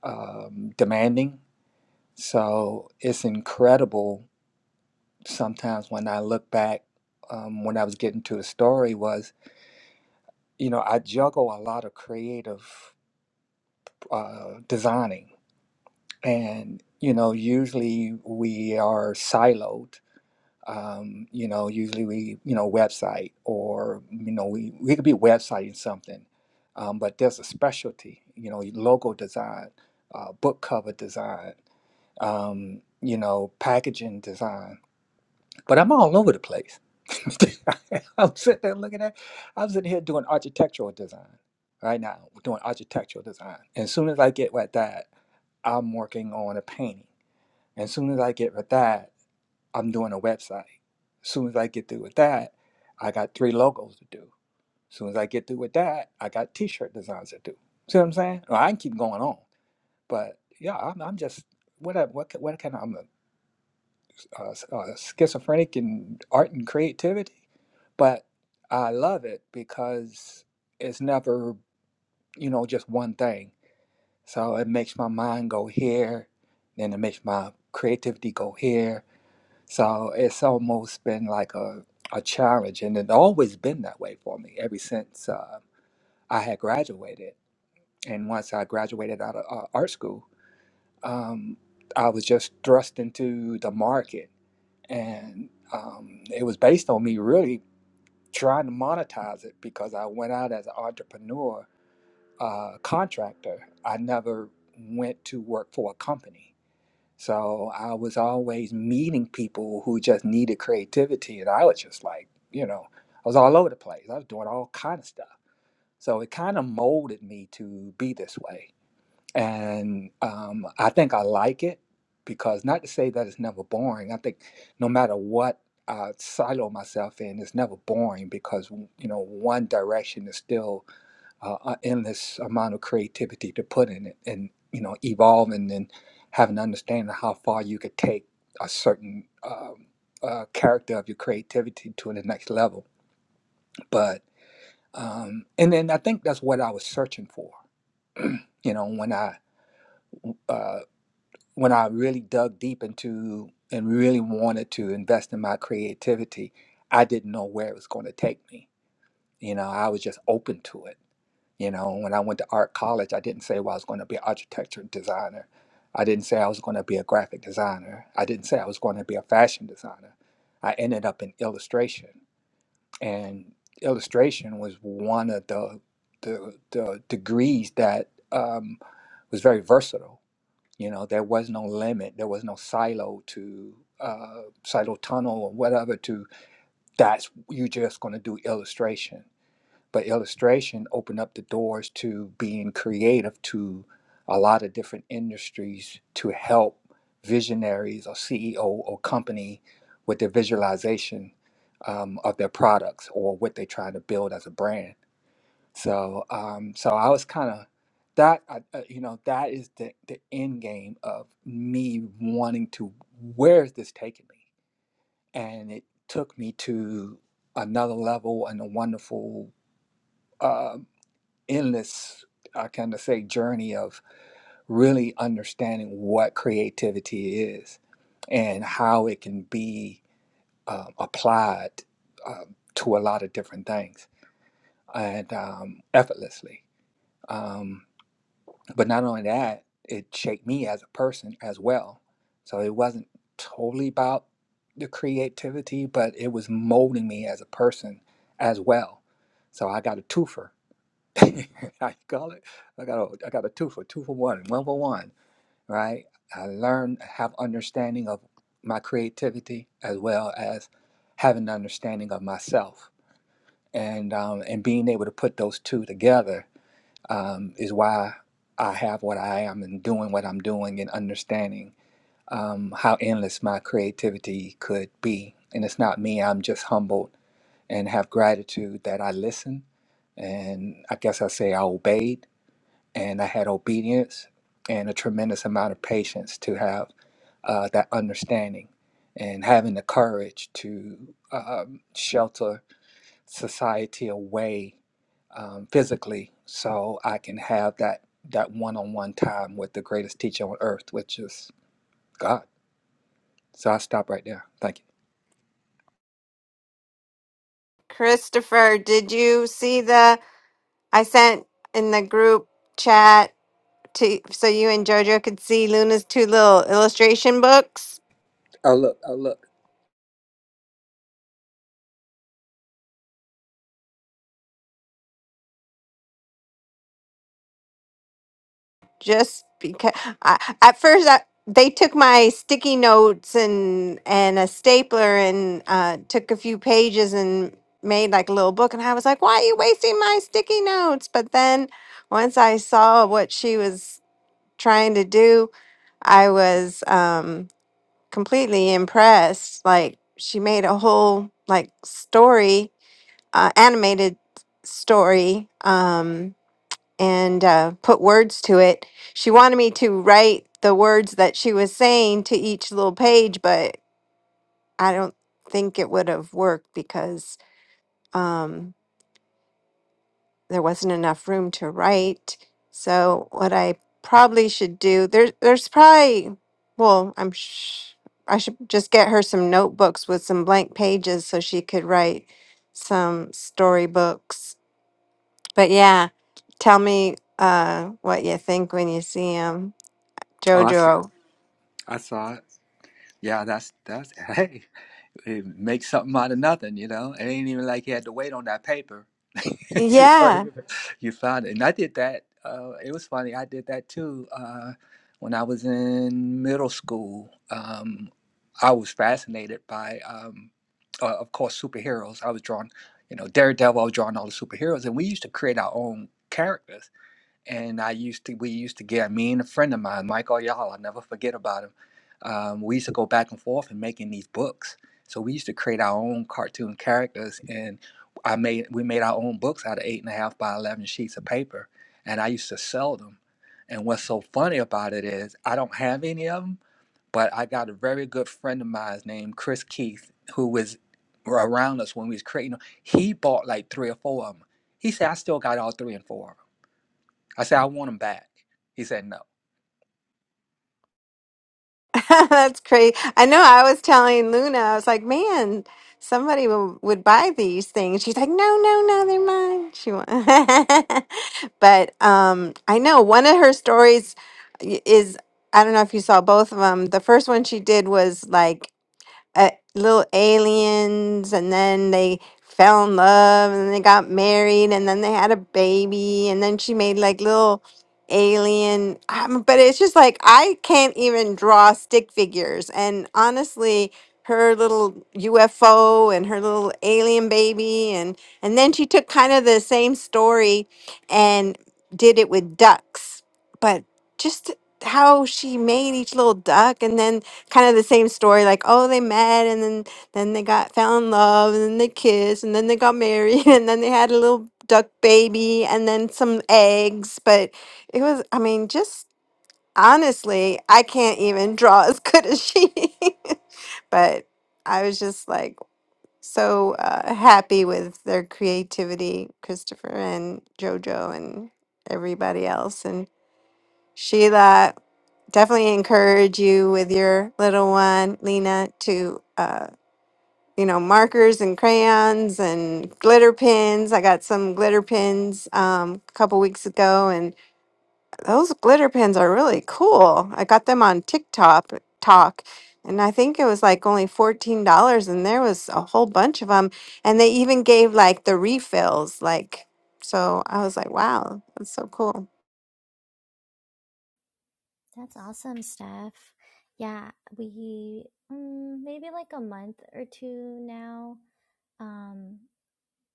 [SPEAKER 9] um, demanding. So it's incredible sometimes when I look back um, when I was getting to the story was, you know, I juggle a lot of creative uh, designing. And, you know, usually we are siloed. Um, you know, usually we, you know, website or, you know, we, we could be websiting something, um, but there's a specialty, you know, logo design, uh, book cover design. um, you know, packaging design. But I'm all over the place. I'm sitting there looking at, I'm sitting here doing architectural design right now, doing architectural design. as soon as I get with that, I'm working on a painting. as soon as I get with that, I'm doing a website. As soon as I get through with that, I got three logos to do. As soon as I get through with that, I got t-shirt designs to do. See what I'm saying? Well, I can keep going on, but yeah, I'm, I'm just what I- what ca- what can I'm uh, uh, schizophrenic in art and creativity, but I love it because it's never, you know, just one thing. So it makes my mind go here, then it makes my creativity go here. So it's almost been like a, a challenge, and it's always been that way for me ever since uh, I had graduated. And once I graduated out of uh, art school, um, I was just thrust into the market and um, it was based on me really trying to monetize it because I went out as an entrepreneur uh, contractor. I never went to work for a company, so I was always meeting people who just needed creativity, and I was just like, you know, I was all over the place. I was doing all kind of stuff, so it kind of molded me to be this way and um, I think I like it because not to say that it's never boring. I think no matter what I silo myself in, it's never boring because you know one direction is still uh, an endless amount of creativity to put in it, and you know evolving and having an understanding of how far you could take a certain um, uh, character of your creativity to the next level. But um, and then I think that's what I was searching for. You know, when I uh, when I really dug deep into and really wanted to invest in my creativity, I didn't know where it was going to take me. You know, I was just open to it. You know, when I went to art college, I didn't say well, I was going to be an architecture designer. I didn't say I was going to be a graphic designer. I didn't say I was going to be a fashion designer. I ended up in illustration, and illustration was one of the the, the degrees that um, was very versatile you know, there was no limit. There was no silo to uh, silo tunnel or whatever. To that's you're just going to do illustration. But illustration opened up the doors to being creative to a lot of different industries to help visionaries or CEO or company with their visualization um, of their products or what they're trying to build as a brand so, um, so I was kind of that. I, uh, you know, that is the the end game of me wanting to. Where is this taking me? And it took me to another level and a wonderful, uh, endless, I kind of say, journey of really understanding what creativity is and how it can be um, applied um, to a lot of different things and um, effortlessly. Um, But not only that, it shaped me as a person as well. So it wasn't totally about the creativity, but it was molding me as a person as well. So I got a twofer. I call it. I got a I got a twofer, two for one, one for one. Right. I learned have understanding of my creativity as well as having an understanding of myself and um, and being able to put those two together um, is why I have what I am and doing what I'm doing and understanding um, how endless my creativity could be. And it's not me, I'm just humbled and have gratitude that I listened. And I guess I say I obeyed and I had obedience and a tremendous amount of patience to have uh, that understanding and having the courage to um, shelter society away um, physically so I can have that that one-on-one time with the greatest teacher on earth, which is God. So I stop right there. Thank you.
[SPEAKER 3] Christopher, did you see the I sent in the group chat to so you and Jojo could see Luna's two little illustration books?
[SPEAKER 9] Oh look, oh look.
[SPEAKER 3] just because I, at first I, they took my sticky notes and and a stapler and uh, took a few pages and made like a little book and I was like, why are you wasting my sticky notes? But then once I saw what she was trying to do, I was um, completely impressed. Like she made a whole like story, uh, animated story. Um, and uh, put words to it. She wanted me to write the words that she was saying to each little page, but I don't think it would have worked because um, there wasn't enough room to write. So what I probably should do there's there's probably well I'm sh- I should just get her some notebooks with some blank pages so she could write some storybooks. But yeah, tell me uh, what you think when you see them.
[SPEAKER 9] Awesome.
[SPEAKER 3] Jojo.
[SPEAKER 9] I saw it. Yeah, that's that's hey. He make something out of nothing, you know. It ain't even like he had to wait on that paper. you, know,
[SPEAKER 3] Yeah,
[SPEAKER 9] you found it, and I did that. Uh, it was funny. I did that too uh, when I was in middle school. Um, I was fascinated by, um, uh, of course, superheroes. I was drawing, you know, Daredevil. I was drawing all the superheroes, and we used to create our own characters and I used to we used to get me and a friend of mine, Michael Ayala, I'll never forget about him. Um, we used to go back and forth and making these books. So we used to create our own cartoon characters, and I made we made our own books out of eight and a half by eleven sheets of paper, and I used to sell them. And what's so funny about it is I don't have any of them, but I got a very good friend of mine named Chris Keith, who was around us when we was creating them. He bought like three or four of them. He said, "I still got all three and four of 'em." I said, I want him back. He said, no.
[SPEAKER 3] that's crazy. I know. I was telling Luna, I was like, man, somebody w- would buy these things. She's like, no, no, no, they're mine. She won. but um, I know one of her stories i- is I don't know if you saw both of them. The first one she did was like uh, little aliens and then they fell in love and then they got married and then they had a baby and then she made like little alien um, but it's just like I can't even draw stick figures and honestly her little UFO and her little alien baby and and then she took kind of the same story and did it with ducks but just how she made each little duck and then kind of the same story like oh they met and then then they got fell in love and then they kissed and then they got married and then they had a little duck baby and then some eggs but it was i mean just honestly i can't even draw as good as she but i was just like so uh, happy with their creativity christopher and jojo and everybody else and Sheila, definitely encourage you with your little one, Lena, to, uh, you know, markers and crayons and glitter pins. I got some glitter pins um, a couple weeks ago, and those glitter pins are really cool. I got them on TikTok, talk, and I think it was like only $14, and there was a whole bunch of them. And they even gave like the refills, like, so I was like, wow, that's so cool.
[SPEAKER 10] That's awesome, Steph. Yeah, we mm, maybe like a month or two now um,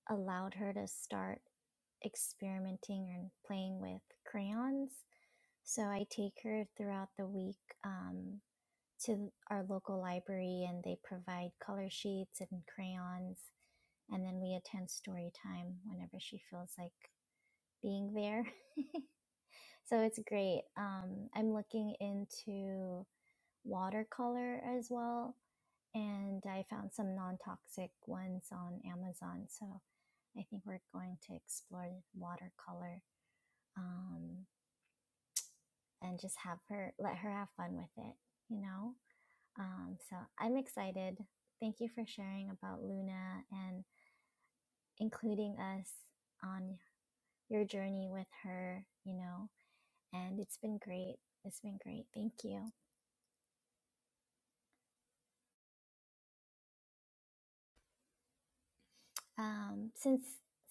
[SPEAKER 10] allowed her to start experimenting and playing with crayons. So I take her throughout the week um, to our local library and they provide color sheets and crayons. And then we attend story time whenever she feels like being there. So it's great. Um, I'm looking into watercolor as well. And I found some non toxic ones on Amazon. So I think we're going to explore watercolor um, and just have her, let her have fun with it, you know? Um, so I'm excited. Thank you for sharing about Luna and including us on your journey with her, you know, and it's been great. It's been great. Thank you. Um, since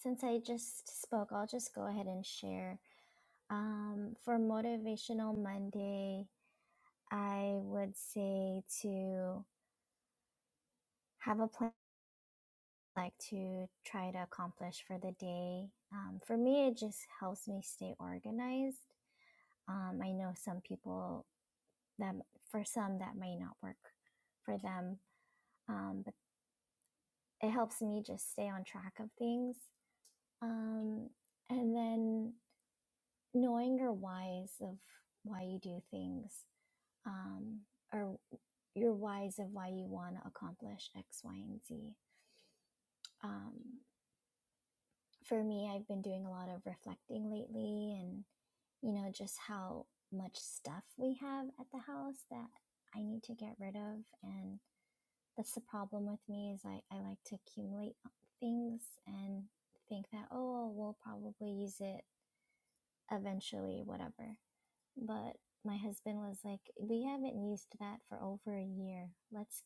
[SPEAKER 10] since I just spoke, I'll just go ahead and share Um, for Motivational Monday, I would say to have a plan like to try to accomplish for the day. Um, for me, it just helps me stay organized. Um, I know some people that for some that may not work for them, um, but it helps me just stay on track of things. Um, and then knowing your whys of why you do things um, or your whys of why you want to accomplish X, Y, and Z. Um, for me, I've been doing a lot of reflecting lately and, you know, just how much stuff we have at the house that I need to get rid of. And that's the problem with me is I, I like to accumulate things and think that, oh, we'll probably use it eventually, whatever. But my husband was like, we haven't used that for over a year. Let's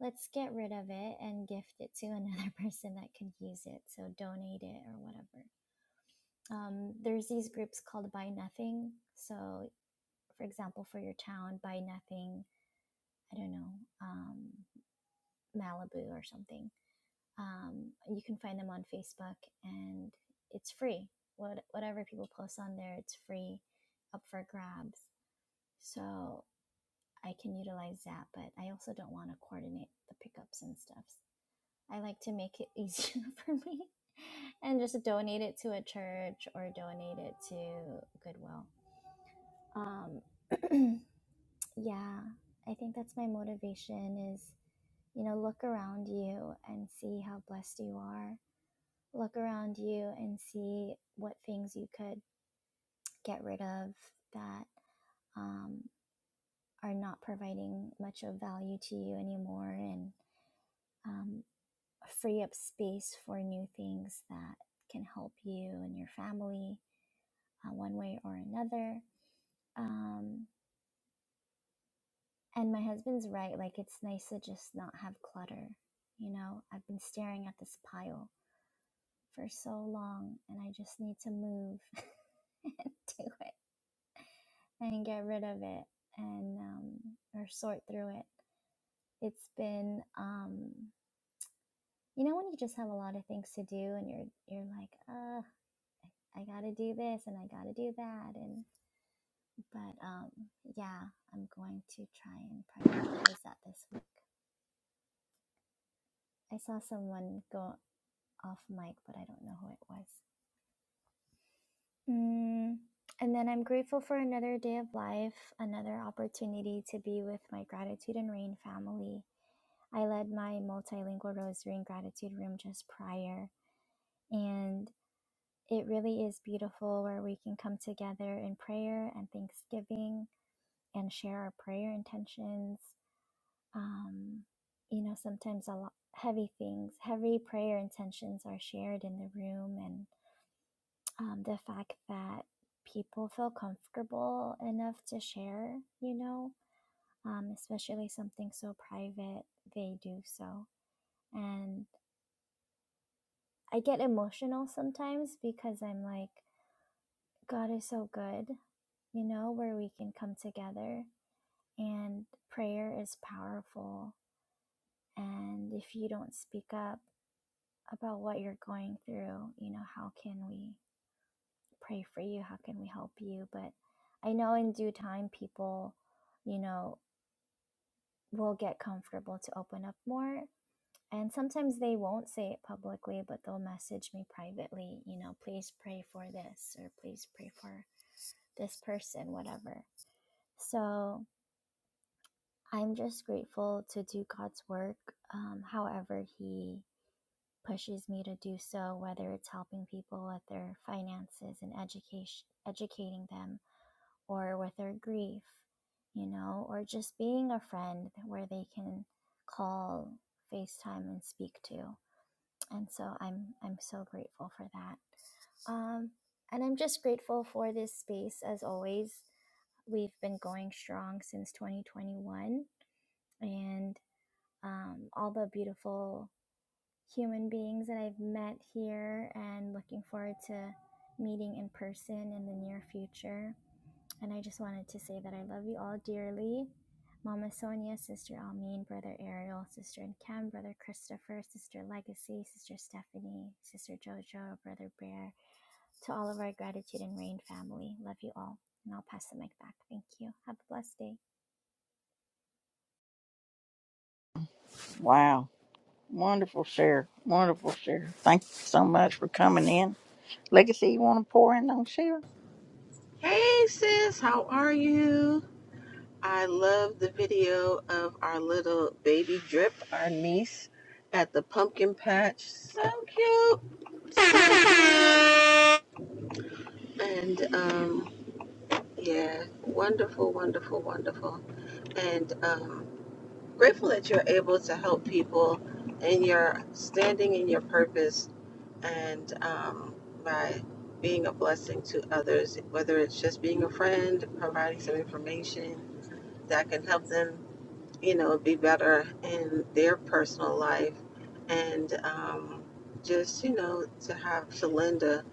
[SPEAKER 10] let's get rid of it and gift it to another person that could use it. So donate it or whatever. Um, there's these groups called Buy Nothing. So, for example, for your town, Buy Nothing, I don't know, um, Malibu or something. Um, you can find them on Facebook and it's free. What, whatever people post on there, it's free up for grabs. So I can utilize that, but I also don't want to coordinate the pickups and stuff. I like to make it easier for me and just donate it to a church or donate it to Goodwill. Um, yeah, I think that's my motivation is, you know, look around you and see how blessed you are. Look around you and see what things you could get rid of that um, are not providing much of value to you anymore and um, free up space for new things that can help you and your family uh, one way or another. Um, and my husband's right, like it's nice to just not have clutter. You know, I've been staring at this pile for so long and I just need to move and do it and get rid of it and um, or sort through it. It's been um, you know when you just have a lot of things to do and you're you're like, uh I gotta do this and I gotta do that and but um yeah, I'm going to try and prioritize that this week. I saw someone go off mic, but I don't know who it was. Mm, and then I'm grateful for another day of life, another opportunity to be with my gratitude and rain family. I led my multilingual rosary and gratitude room just prior, and it really is beautiful where we can come together in prayer and thanksgiving and share our prayer intentions. Um, you know, sometimes a lot heavy things, heavy prayer intentions are shared in the room, and um, the fact that people feel comfortable enough to share, you know, um, especially something so private, they do so. And I get emotional sometimes because I'm like, God is so good, you know, where we can come together and prayer is powerful And if you don't speak up about what you're going through, you know, how can we pray for you? How can we help you? But I know in due time, people, you know, will get comfortable to open up more. And sometimes they won't say it publicly, but they'll message me privately, you know, please pray for this or please pray for this person, whatever. So I'm just grateful to do God's work, um, however He pushes me to do so, whether it's helping people with their finances and education, educating them, or with their grief, you know, or just being a friend where they can call, FaceTime, and speak to. And so I'm I'm so grateful for that. Um, and I'm just grateful for this space as always. We've been going strong since 2021, and um, all the beautiful human beings that I've met here and looking forward to meeting in person in the near future. And I just wanted to say that I love you all dearly. Mama Sonia, Sister Almeen, Brother Ariel, Sister and Cam, Brother Christopher, Sister Legacy, Sister Stephanie, Sister Jojo, Brother Bear, to all of our gratitude and rain family. Love you all. And I'll pass the mic back. Thank you. Have a blessed day.
[SPEAKER 1] Wow. Wonderful share. Wonderful share. Thank you so much for coming in. Legacy, you want to pour in on Sheila?
[SPEAKER 4] Hey, sis. How are you? I love the video of our little baby drip, our niece, at the pumpkin patch. So cute. So cute. And, um, yeah, wonderful, wonderful, wonderful. And, um, grateful that you're able to help people and you're standing in your purpose and um, by being a blessing to others, whether it's just being a friend, providing some information that can help them, you know, be better in their personal life and um, just, you know, to have to lend a,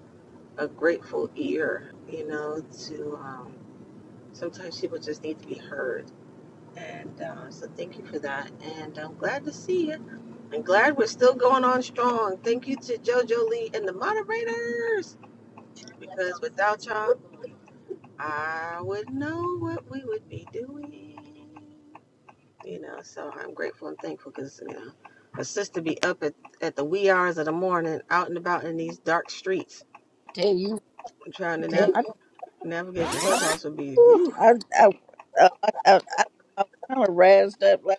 [SPEAKER 4] a grateful ear, you know, to um, sometimes people just need to be heard. And uh, so thank you for that. And I'm glad to see you. I'm glad we're still going on strong. Thank you to JoJo Lee and the moderators, because without y'all, I would know what we would be doing. You know, so I'm grateful and thankful because, you know, a sister be up at, at the wee hours of the morning, out and about in these dark streets,
[SPEAKER 1] Tell you,
[SPEAKER 4] trying to nav-
[SPEAKER 1] I
[SPEAKER 4] navigate Clubhouse would be,
[SPEAKER 1] do.
[SPEAKER 4] woo.
[SPEAKER 1] I, I, I, I, I, I was kind of razzed up, like,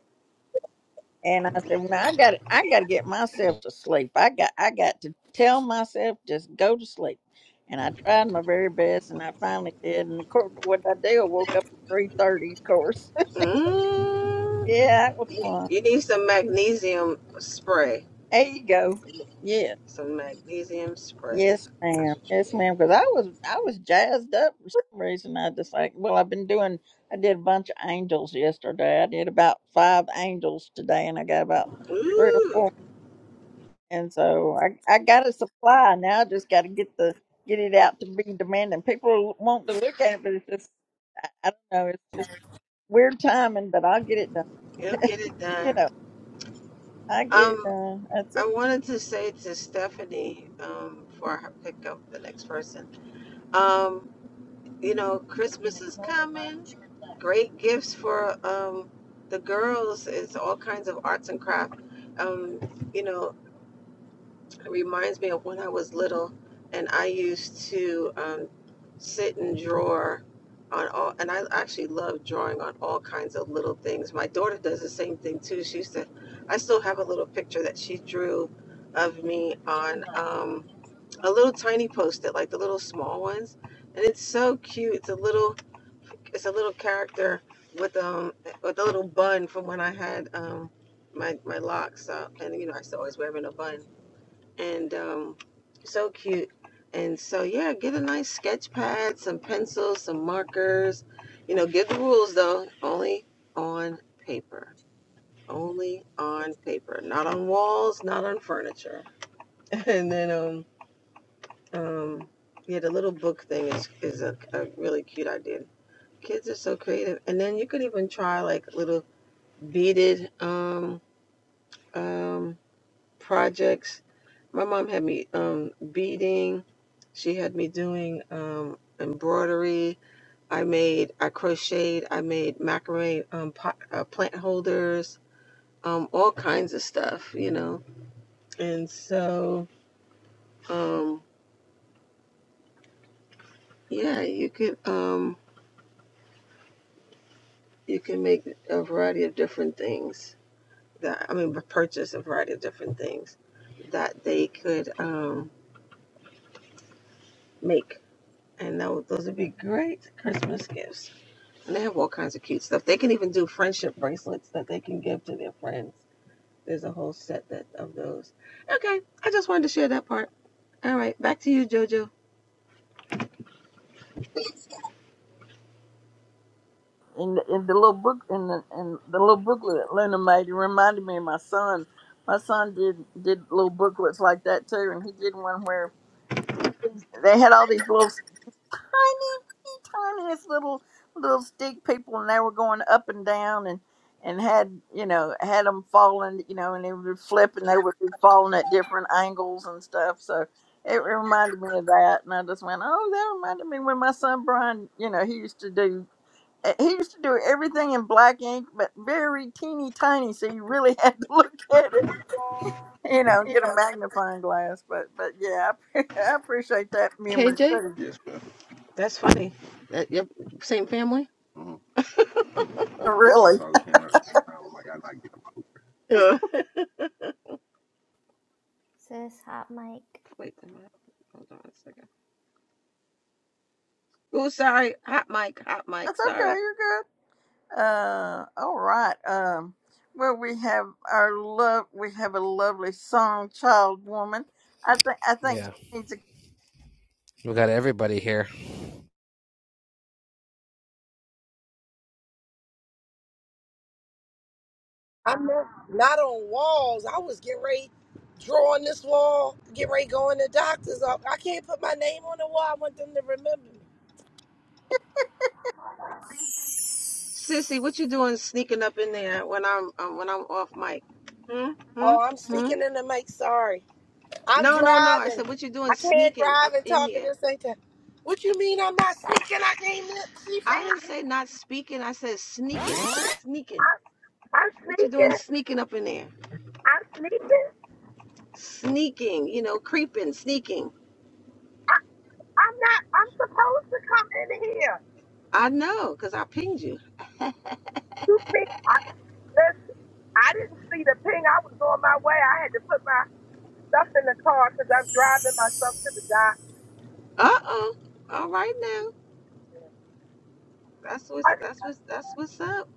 [SPEAKER 1] and I said, "Now I got, to I got to get myself to sleep. I got, I got to tell myself just go to sleep." And I tried my very best, and I finally did. And of course, what I did, I woke up at three thirty, of course
[SPEAKER 4] Mm,
[SPEAKER 1] Yeah, that was
[SPEAKER 4] you
[SPEAKER 1] fun.
[SPEAKER 4] you need some magnesium spray.
[SPEAKER 1] There you go. Yeah.
[SPEAKER 4] Some magnesium spray.
[SPEAKER 1] Yes, ma'am.
[SPEAKER 4] That's what
[SPEAKER 1] Yes,
[SPEAKER 4] you
[SPEAKER 1] ma'am. Because I was I was jazzed up for some reason. I just like, well, I've been doing. I did a bunch of angels yesterday. I did about five angels today, and I got about three or
[SPEAKER 4] need.
[SPEAKER 1] four. And so I I got a supply now. I just got to get the get it out to be demanding. People want to look at it, but it's just I, I don't know. It's just weird timing, but I'll get it done.
[SPEAKER 4] He'll get it
[SPEAKER 1] you
[SPEAKER 4] done.
[SPEAKER 1] know, I get it
[SPEAKER 4] Um,
[SPEAKER 1] done. That's it.
[SPEAKER 4] I wanted to say to Stephanie, um, before I pick up the next person, um, you know, Christmas is coming. Great gifts for um, the girls. It's all kinds of arts and craft. Um, you know, It reminds me of when I was little and I used to um, sit and draw on all, and I actually love drawing on all kinds of little things. My daughter does the same thing too. She used to, I still have a little picture that she drew of me on um, a little tiny post it, like the little small ones. And it's so cute. It's a little, it's a little character with um with a little bun from when I had um my my locks up, and you know I used to always wear them in a bun and um, so cute. And so, yeah, get a nice sketch pad, some pencils, some markers. You know, give the rules though, only on paper, only on paper, not on walls, not on furniture. And then, um, um, yeah, the little book thing is is a, a really cute idea. Kids are so creative. And then you could even try like little beaded um, um, projects. My mom had me um, beading. She had me doing um, embroidery. I made, I crocheted. I made macrame um, pot, uh, plant holders, um, all kinds of stuff, you know. And so, um, yeah, you could um, you can make a variety of different things. That I mean, purchase a variety of different things that they could um, make, and that would, those would be great Christmas gifts. And they have all kinds of cute stuff. They can even do friendship bracelets that they can give to their friends. There's a whole set that of those. Okay, I just wanted to share that part. All right, back to you, Jojo.
[SPEAKER 1] in the, in the little book in the in the little booklet that Lena made. It reminded me of my son. My son did did little booklets like that too, and he did one where they had all these little tiny, tiniest little little stick people, and they were going up and down and. And had you know had them falling you know and they would flip and they would be falling at different angles and stuff so it reminded me of that and I just went oh that reminded me when my son Brian you know he used to do uh, He used to do everything in black ink, but very teeny tiny, so you really had to look at it, you know, get a magnifying glass. But but yeah, I, pre- I appreciate that memory
[SPEAKER 4] KJ?
[SPEAKER 1] too.
[SPEAKER 4] That's funny. That yep, same family.
[SPEAKER 1] Really,
[SPEAKER 4] Yeah.
[SPEAKER 10] Sis, hot mic.
[SPEAKER 4] Wait a minute. Hold on a second. Oh, sorry. Hot mic. Hot mic.
[SPEAKER 1] that's okay.
[SPEAKER 4] Sorry.
[SPEAKER 1] You're good. Uh, all right. Um, well, we have our love. We have a lovely song, child woman. I think I think
[SPEAKER 11] Yeah,
[SPEAKER 1] she needs a
[SPEAKER 11] we got everybody here.
[SPEAKER 12] I'm not, not on walls. I was getting ready drawing this wall, getting ready going to doctor's office. I can't put my name on the wall. I want them to remember me.
[SPEAKER 4] Sissy, what you doing sneaking up in there when I'm um, when I'm off mic? Hmm. Hmm.
[SPEAKER 12] Oh, I'm
[SPEAKER 4] Hmm.
[SPEAKER 12] speaking in the mic. Sorry, I'm
[SPEAKER 4] No, no, no. I
[SPEAKER 12] driving.
[SPEAKER 4] said, what you doing
[SPEAKER 12] I can't
[SPEAKER 4] sneaking
[SPEAKER 12] drive
[SPEAKER 4] up
[SPEAKER 12] and
[SPEAKER 4] in
[SPEAKER 12] talk at
[SPEAKER 4] here?
[SPEAKER 12] the same time. What you mean I'm not sneaking? I came in. She said
[SPEAKER 4] I didn't say not speaking. I said sneaking, sneaking.
[SPEAKER 12] I'm, I'm
[SPEAKER 4] What you doing
[SPEAKER 12] sneaking.
[SPEAKER 4] sneaking up in there?
[SPEAKER 12] I'm sneaking.
[SPEAKER 4] Sneaking, you know, creeping, sneaking.
[SPEAKER 12] I'm not. I'm supposed to come in here.
[SPEAKER 4] I know, cause I pinged you.
[SPEAKER 12] You think? I, listen. I didn't see the ping. I was on my way. I had to put my stuff in the car because I'm driving myself to the dock.
[SPEAKER 4] Uh oh. All right now. That's what's
[SPEAKER 12] I-
[SPEAKER 4] that's what's that's what's up.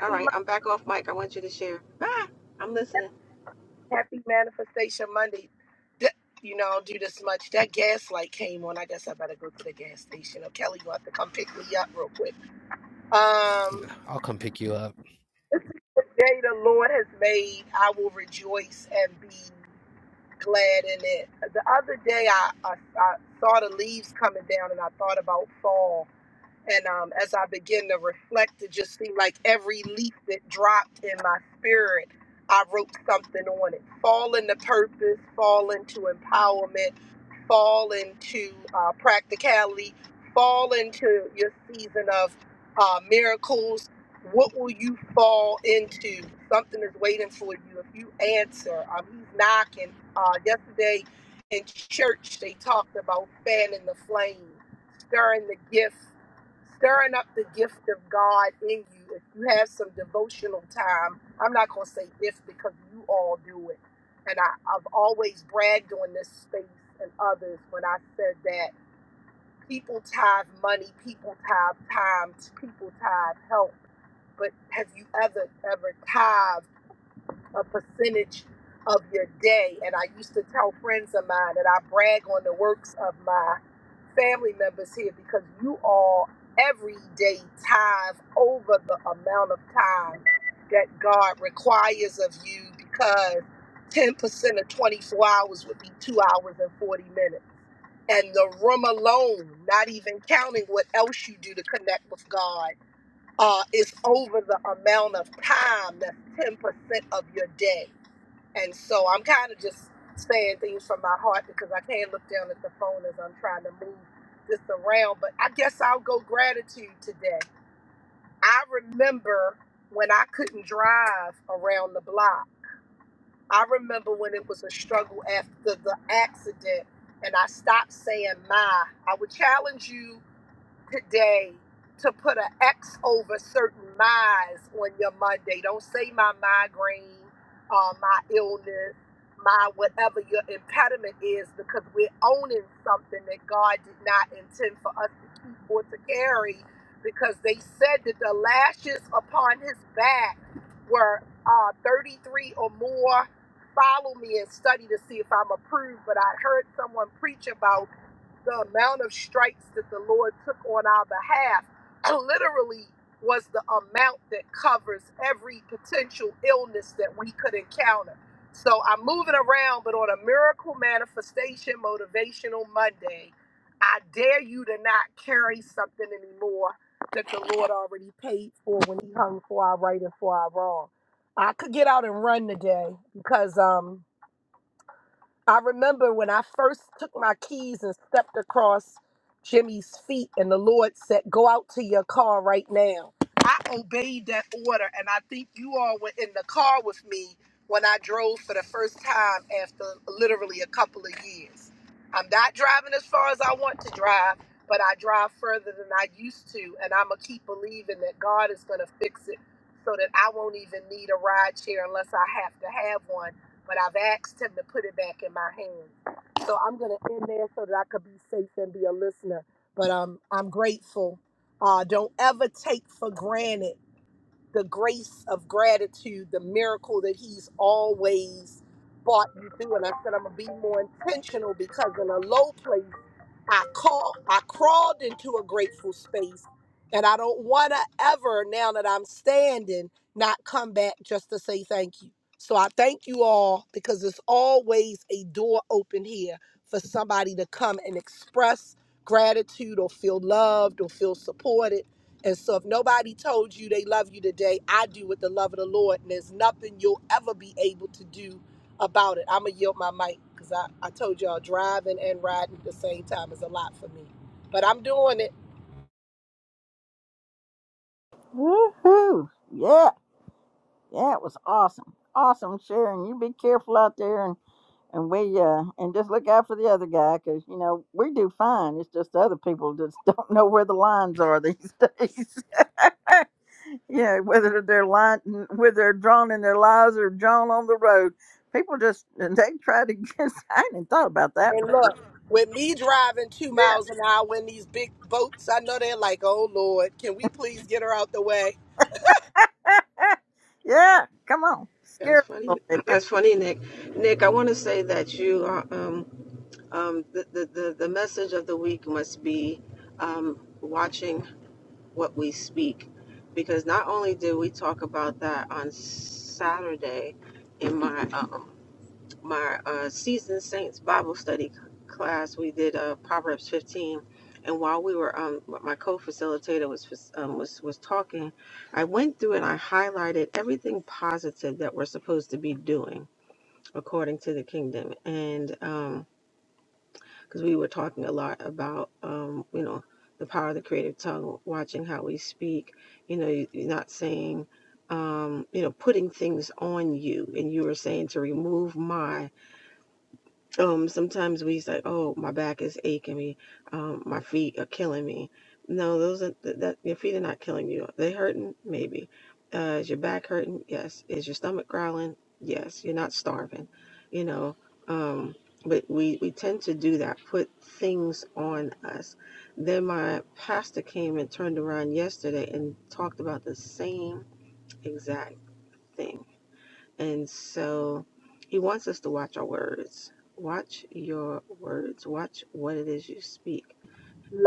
[SPEAKER 4] All right,
[SPEAKER 12] Mon-
[SPEAKER 4] I'm back off mic. I want you to share. Bye. I'm listening.
[SPEAKER 12] happy manifestation Monday. Th- You know, I'll do this much. That gas light came on. I guess I better go to the gas station. Oh, Kelly, you have to come pick me up real quick. Um,
[SPEAKER 11] I'll come pick you up.
[SPEAKER 12] the day the Lord has made, I will rejoice and be glad in it. The other day, I, I, I saw the leaves coming down and I thought about fall And um, as I begin to reflect, it just seemed like every leaf that dropped in my spirit, I wrote something on it. Fall into purpose, fall into empowerment, fall into uh, practicality, fall into your season of uh, miracles. What will you fall into? Something is waiting for you if you answer. Um, he's knocking. Uh, yesterday in church, they talked about fanning the flame, stirring the gift, stirring up the gift of God in you. If you have some devotional time, I'm not going to say if because you all do it and I, I've always bragged on this space and others when I said that people tithe money, people tithe time, people tithe help. But have you ever, ever tithe a percentage of your day? And I used to tell friends of mine that I brag on the works of my family members here because you all every day tithe over the amount of time that God requires of you because 10% of 24 hours would be two hours and 40 minutes. And the room alone, not even counting what else you do to connect with God, uh, is over the amount of time that's 10% of your day. And so I'm kind of just saying things from my heart because I can't look down at the phone as I'm trying to move this around. But I guess I'll go gratitude today. I remember when I couldn't drive around the block. I remember when it was a struggle after the accident and I stopped saying my. I would challenge you today to put an X over certain my's on your Monday. Don't say my migraine, uh, my illness, my whatever your impediment is, because we're owning something that God did not intend for us to keep or to carry. Because they said that the lashes upon his back were uh, 33 or more. Follow me and study to see if I'm approved. But I heard someone preach about the amount of strikes that the Lord took on our behalf literally was the amount that covers every potential illness that we could encounter. So I'm moving around, but on a miracle manifestation motivational Monday, I dare you to not carry something anymore that the Lord already paid for when He hung for our right and for our wrong. I could get out and run today because um I remember when I first took my keys and stepped across Jimmy's feet, and the Lord said, Go out to your car right now. I obeyed that order, and I think you all were in the car with me when I drove for the first time after literally a couple of years. I'm not driving as far as I want to drive, but I drive further than I used to, and I'm going to keep believing that God is going to fix it so that I won't even need a ride chair unless I have to have one but I've asked him to put it back in my hands. So I'm gonna end there so that I could be safe and be a listener. But um, I'm grateful. Uh, don't ever take for granted the grace of gratitude, the miracle that He's always brought you through. And I said I'm gonna be more intentional because in a low place. I call I crawled into a grateful space and I don't wanna ever now that I'm standing not come back just to say thank you. So I thank you all because there's always a door open here for somebody to come and express gratitude or feel loved or feel supported. And so if nobody told you they love you today, I do with the love of the Lord and there's nothing you'll ever be able to do about it. I'm gonna yield my mic because I, I told y'all driving and riding at the same time is a lot for me. But I'm doing it.
[SPEAKER 1] Woohoo! Yeah, yeah, it was awesome. Awesome, Sharon. You be careful out there and and we uh and just look out for the other guy because you know we do fine it's just other people just don't know where the lines are these days yeah whether they're line whether they're drawn in their lives or drawn on the road people just and they try to get i hadn't even thought about that
[SPEAKER 12] And
[SPEAKER 1] before
[SPEAKER 12] look, with me driving two miles an hour in these big boats, I know they're like, oh Lord, can we please get her out the way?
[SPEAKER 1] yeah yeah come on scare
[SPEAKER 4] That's
[SPEAKER 1] 'em a
[SPEAKER 4] funny.
[SPEAKER 1] little bit
[SPEAKER 4] That's funny, Nick. Nick, I want to say that you are um um the the the, the message of the week must be um watching what we speak because not only did we talk about that on Saturday in my um, my uh, seasoned saints Bible study c- class we did uh, Proverbs 15 and while we were um my co-facilitator was fac- um, was was talking I went through and I highlighted everything positive that we're supposed to be doing according to the kingdom and um because we were talking a lot about, um, you know, the power of the creative tongue, watching how we speak, you know, you- you're not saying, um, you know, putting things on you. And you were saying to remove my um, sometimes we say, "Oh, my back is aching me. Um, my feet are killing me." No, those are th- that your feet are not killing you. They hurting maybe. Uh, is your back hurting? Yes. Is your stomach growling? Yes. You're not starving. You know. Um, but we we tend to do that. Put things on us. Then my pastor came and turned around yesterday and talked about the same exact thing and so he wants us to watch our words. Watch your words. Watch what it is you speak.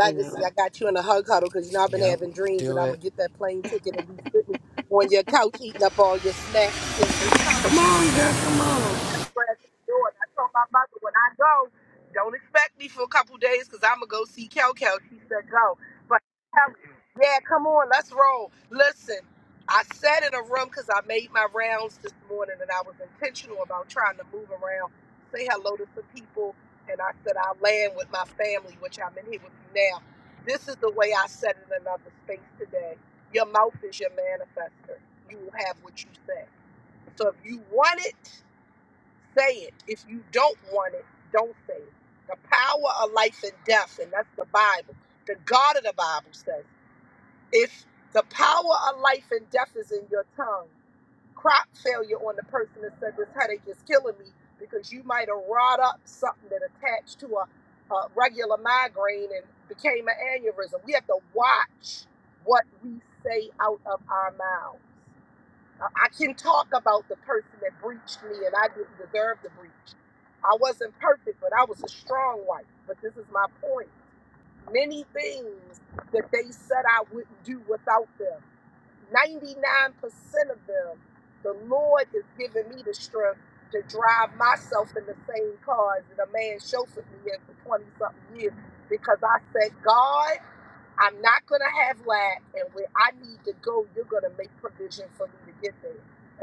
[SPEAKER 4] You know,
[SPEAKER 12] I got you in a hug huddle because you know I've been
[SPEAKER 11] Yep,
[SPEAKER 12] having dreams that
[SPEAKER 11] do
[SPEAKER 12] I'm gonna
[SPEAKER 11] it.
[SPEAKER 12] get that plane ticket and be sitting on your couch eating up all your snacks and it's
[SPEAKER 4] come on,
[SPEAKER 12] coming.
[SPEAKER 4] girl, come on.
[SPEAKER 12] prayers to the Lord. I told my mother when I go, don't expect me for a couple days because I'm gonna go see Kel Kel. She said go, but Kel- yeah, come on, let's roll. Listen, I sat in a room because I made my rounds this morning and I was intentional about trying to move around, say hello to some people, and I said I land with my family, which I'm in here with you now. This is the way I said in another space today. Your mouth is your manifester. You will have what you say. So if you want it. Say it. If you don't want it, don't say it. The power of life and death, and that's the Bible. The God of the Bible says, if the power of life and death is in your tongue, crop failure on the person that said this headache is killing me because you might have wrought up something that attached to a, a regular migraine and became an aneurysm. We have to watch what we say out of our mouth. I can talk about the person that breached me and I didn't deserve the breach. I wasn't perfect, but I was a strong wife. But this is my point. Many things that they said I wouldn't do without them, 99% of them, the Lord is giving me the strength to drive myself in the same cars that a man chauffeured me in for 20 something years because I said, God. I'm not gonna have lack, and where I need to go, you're gonna make provision for me to get there.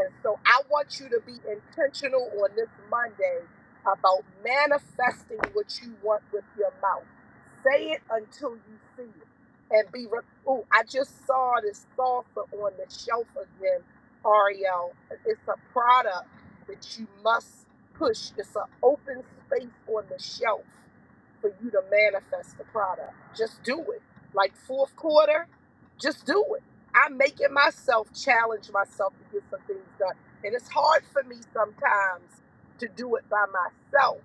[SPEAKER 12] And so I want you to be intentional on this Monday about manifesting what you want with your mouth. Say it until you see it, and be. Re- oh, I just saw this salsa on the shelf again, Ariel. It's a product that you must push. It's an open space on the shelf for you to manifest the product. Just do it like fourth quarter, just do it. I'm making myself challenge myself to get some things done. And it's hard for me sometimes to do it by myself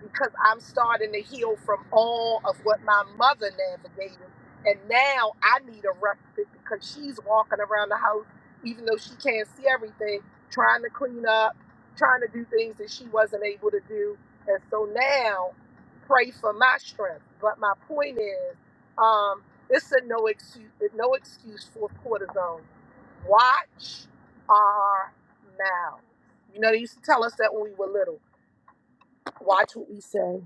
[SPEAKER 12] because I'm starting to heal from all of what my mother navigated. And now I need a respite because she's walking around the house, even though she can't see everything, trying to clean up, trying to do things that she wasn't able to do. And so now, pray for my strength. But my point is, um, it's a no excuse, no excuse for cortisone. Watch our mouth. You know, they used to tell us that when we were little. Watch what we say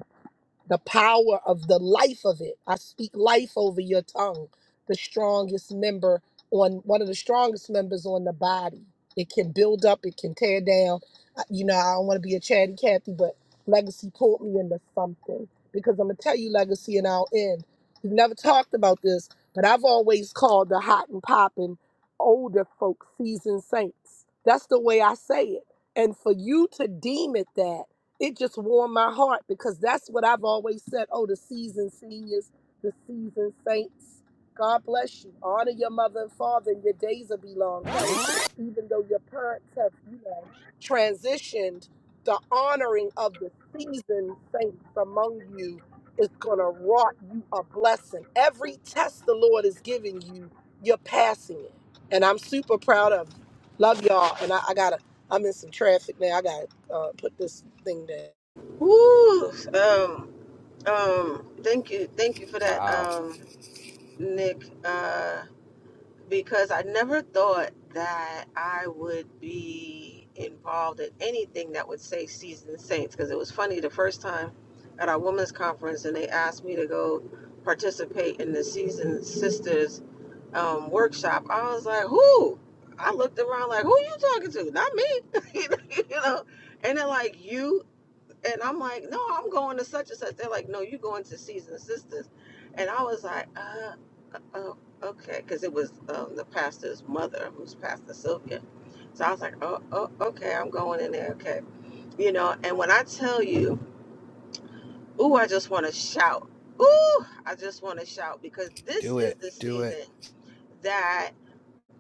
[SPEAKER 12] the power of the life of it. I speak life over your tongue, the strongest member on one of the strongest members on the body. It can build up, it can tear down. Uh, You know, I don't want to be a chatty Cathy, but legacy pulled me into something because I'm gonna tell you legacy and I'll end. We've never talked about this, but I've always called the hot and popping older folk seasoned saints. That's the way I say it. And for you to deem it that it just warmed my heart because that's what I've always said. Oh, the seasoned seniors, the seasoned saints. God bless you. Honor your mother and father, and your days will be long. Kelly, even though your parents have, you know, transitioned, the honoring of the seasoned saints among you is going to wrought you a blessing. Every test the Lord is giving you, you're passing it. And I'm super proud of you. Love y'all. And I, I got to I'm in some traffic now. I gotta uh, put this thing down.
[SPEAKER 4] Woo! Um, um, thank you, thank you for that,
[SPEAKER 11] Wow,
[SPEAKER 4] um, Nick. Uh, because I never thought that I would be involved in anything that would say seasoned saints. Because it was funny the first time at our women's conference, and they asked me to go participate in the seasoned sisters um, workshop, I was like, who? I looked around like, who you talking to? Not me, you know. And they're like, you. And I'm like, no, I'm going to such and such. They're like, no, you going to seasoned sisters. And I was like, uh, oh, okay, because it was um, the pastor's mother, who's Pastor Sylvia. So I was like, oh, oh, okay, I'm going in there, okay, you know. And when I tell you, ooh, I just want to shout, ooh, I just want to shout because this
[SPEAKER 11] do
[SPEAKER 4] is
[SPEAKER 11] it,
[SPEAKER 4] the
[SPEAKER 11] do it.
[SPEAKER 4] season that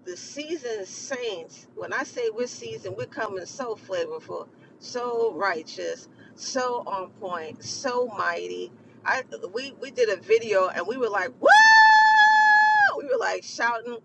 [SPEAKER 4] the seasoned saints, when I say we're seasoned, we're coming so flavorful, so righteous, so on point, so mighty. I we we did a video and we were like, "Woo!" woo! we were like shouting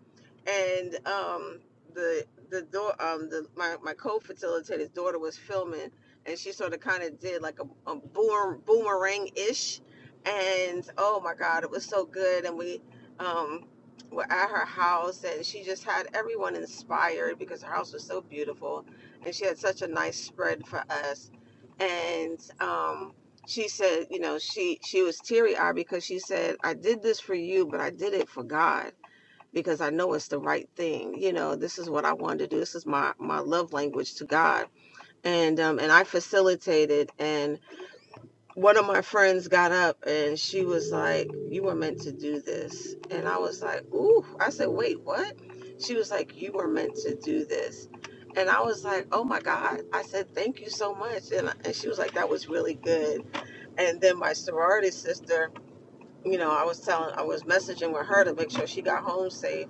[SPEAKER 4] and um the the door um the my, my co-facilitator's daughter was filming and she sort of kind of did like a, a boom boomerang ish and oh my god it was so good and we um were at her house and she just had everyone inspired because her house was so beautiful and she had such a nice spread for us and um she said, you know, she she was teary eyed because she said, I did this for you, but I did it for God because I know it's the right thing. You know, this is what I wanted to do. This is my my love language to God, and um and I facilitated. And one of my friends got up and she was like, "You were meant to do this," and I was like, "Ooh!" I said, "Wait, what?" She was like, "You were meant to do this." And I was like, oh my God. I said, thank you so much. And, I- and she was like, that was really good and then my sorority sister, you know, I was telling, I was messaging with her to make sure she got home safe.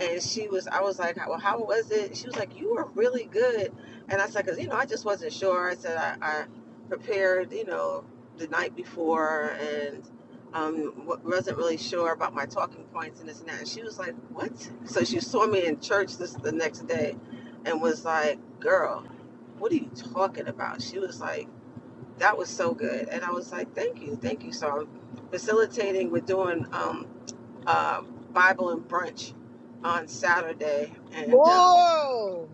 [SPEAKER 4] And she was, I was like, well, how was it? She was like, you were really good. And I said, because, you know, I just wasn't sure. I said, I, I prepared, you know, the night before and um, wa- wasn't really sure about my talking points and this and that. And she was like, what? So she saw me in church this the next day and was like, girl, what are you talking about? She was like, that was so good. And I was like, thank you, thank you. So I'm facilitating, we're doing um, uh, Bible and brunch on Saturday. And um,
[SPEAKER 12] Oh,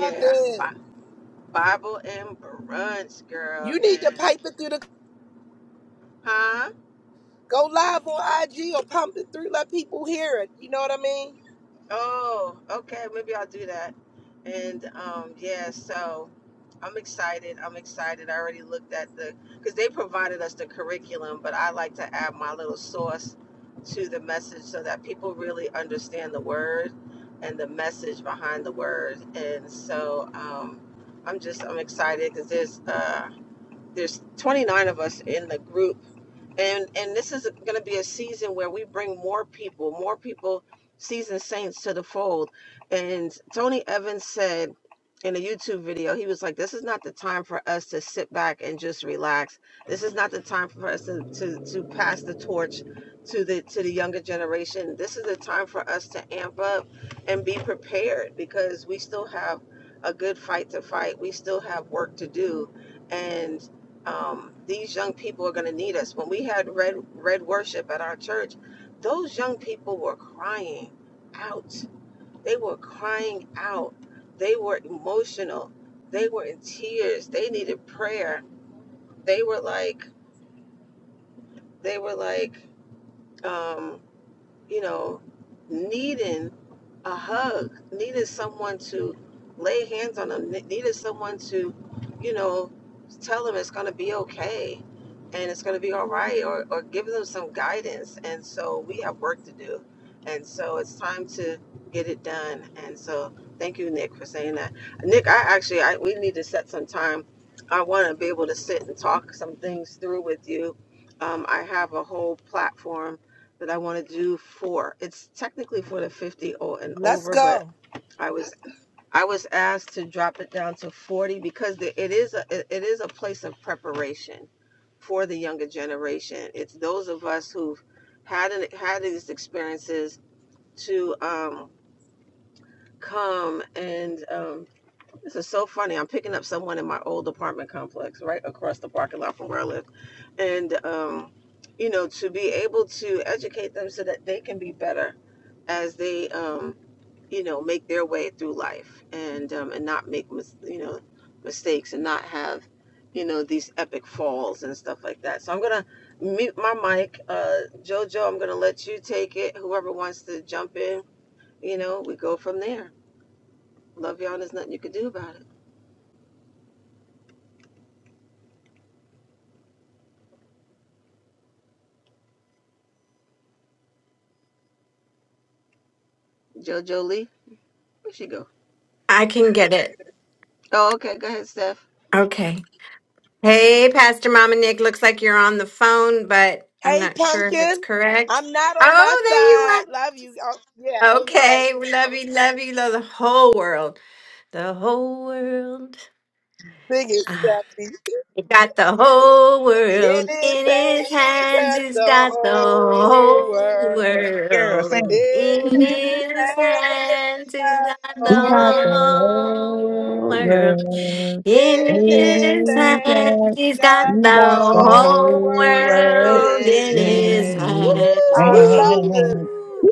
[SPEAKER 12] Love it.
[SPEAKER 4] Bi- Bible and brunch, girl.
[SPEAKER 12] You need to
[SPEAKER 4] And,
[SPEAKER 12] pipe it through the
[SPEAKER 4] huh?
[SPEAKER 12] go live on IG or pump it through. Let people hear it. You know what I mean?
[SPEAKER 4] Oh, okay. Maybe I'll do that. And um, yeah, so I'm excited. I'm excited. I already looked at the because they provided us the curriculum, but I like to add my little sauce to the message so that people really understand the word and the message behind the word. And so um, I'm just I'm excited because there's uh, there's 29 of us in the group and and this is going to be a season where we bring more people more people seasoned saints to the fold and tony evans said in a youtube video he was like this is not the time for us to sit back and just relax this is not the time for us to to, to pass the torch to the to the younger generation this is the time for us to amp up and be prepared because we still have a good fight to fight we still have work to do and." um, these young people are going to need us. When we had red red worship at our church, those young people were crying out. They were crying out. They were emotional. They were in tears. They needed prayer. They were like they were like um, you know needing. a hug, needed someone to lay hands on them, needed someone to, you know, tell them it's going to be okay and it's going to be all right or, or give them some guidance. And so we have work to do. And so it's time to get it done. And so thank you, Nick, for saying that. Nick, I actually, I, we need to set some time. I want to be able to sit and talk some things through with you. Um, I have a whole platform that I want to do for. It's technically for the 50 o- and
[SPEAKER 12] Let's
[SPEAKER 4] over, but
[SPEAKER 12] go.
[SPEAKER 4] I was I was asked to drop it down to 40 because it is a it is a place of preparation for the younger generation. It's those of us who've had an, had these experiences to um, come and um, this is so funny. I'm picking up someone in my old apartment complex right across the parking lot from where I live. And, um, you know, to be able to educate them so that they can be better as they, um, you know, make their way through life and, um, and not make, mis- you know, mistakes and not have, you know, these epic falls and stuff like that. So I'm going to mute my mic. Uh, Jojo, I'm going to let you take it. Whoever wants to jump in, you know, we go from there. Love y'all. and There's nothing you can do about it. Jojo Lee. Where'd she go?
[SPEAKER 3] I can get it.
[SPEAKER 4] Oh, okay. Go ahead, Steph.
[SPEAKER 3] Okay. Hey, Pastor Mama Nick, looks like you're on the phone, but I'm
[SPEAKER 12] Hey,
[SPEAKER 3] not sure if it's
[SPEAKER 12] pumpkin.
[SPEAKER 3] correct.
[SPEAKER 12] I'm not on my
[SPEAKER 3] Oh,
[SPEAKER 12] side. Love you. Oh, yeah.
[SPEAKER 3] there you are.
[SPEAKER 12] Okay.
[SPEAKER 3] Okay, we love you, love you, love the whole world. The whole world.
[SPEAKER 12] Sing it,
[SPEAKER 3] Ah,
[SPEAKER 12] Stephanie.
[SPEAKER 3] it got the whole
[SPEAKER 12] In his
[SPEAKER 3] world
[SPEAKER 12] It
[SPEAKER 3] in his
[SPEAKER 12] is
[SPEAKER 3] hands.
[SPEAKER 12] that
[SPEAKER 3] he
[SPEAKER 12] the
[SPEAKER 3] has got the
[SPEAKER 12] whole
[SPEAKER 3] whole
[SPEAKER 12] world.
[SPEAKER 8] Girl, sing.
[SPEAKER 12] In
[SPEAKER 3] world in
[SPEAKER 12] his It is
[SPEAKER 3] his hands. he has
[SPEAKER 12] that
[SPEAKER 3] got
[SPEAKER 12] the
[SPEAKER 8] You
[SPEAKER 3] the
[SPEAKER 8] got the
[SPEAKER 12] whole
[SPEAKER 3] whole
[SPEAKER 8] whole
[SPEAKER 12] world.
[SPEAKER 3] world.
[SPEAKER 8] world
[SPEAKER 3] In
[SPEAKER 12] In his
[SPEAKER 3] his
[SPEAKER 8] in
[SPEAKER 3] hands,
[SPEAKER 12] hands,
[SPEAKER 8] your hands.
[SPEAKER 12] he's
[SPEAKER 3] he's got
[SPEAKER 12] got
[SPEAKER 8] You
[SPEAKER 12] the
[SPEAKER 3] the
[SPEAKER 8] got the
[SPEAKER 12] whole
[SPEAKER 3] whole
[SPEAKER 8] whole
[SPEAKER 12] world
[SPEAKER 4] It
[SPEAKER 8] world
[SPEAKER 12] in
[SPEAKER 3] world
[SPEAKER 4] is
[SPEAKER 3] in
[SPEAKER 12] his
[SPEAKER 3] his
[SPEAKER 4] hands.
[SPEAKER 12] hands.
[SPEAKER 8] in
[SPEAKER 3] hands.
[SPEAKER 8] your
[SPEAKER 12] I
[SPEAKER 4] Woohoo!
[SPEAKER 12] love this.
[SPEAKER 8] hand.
[SPEAKER 3] Woo!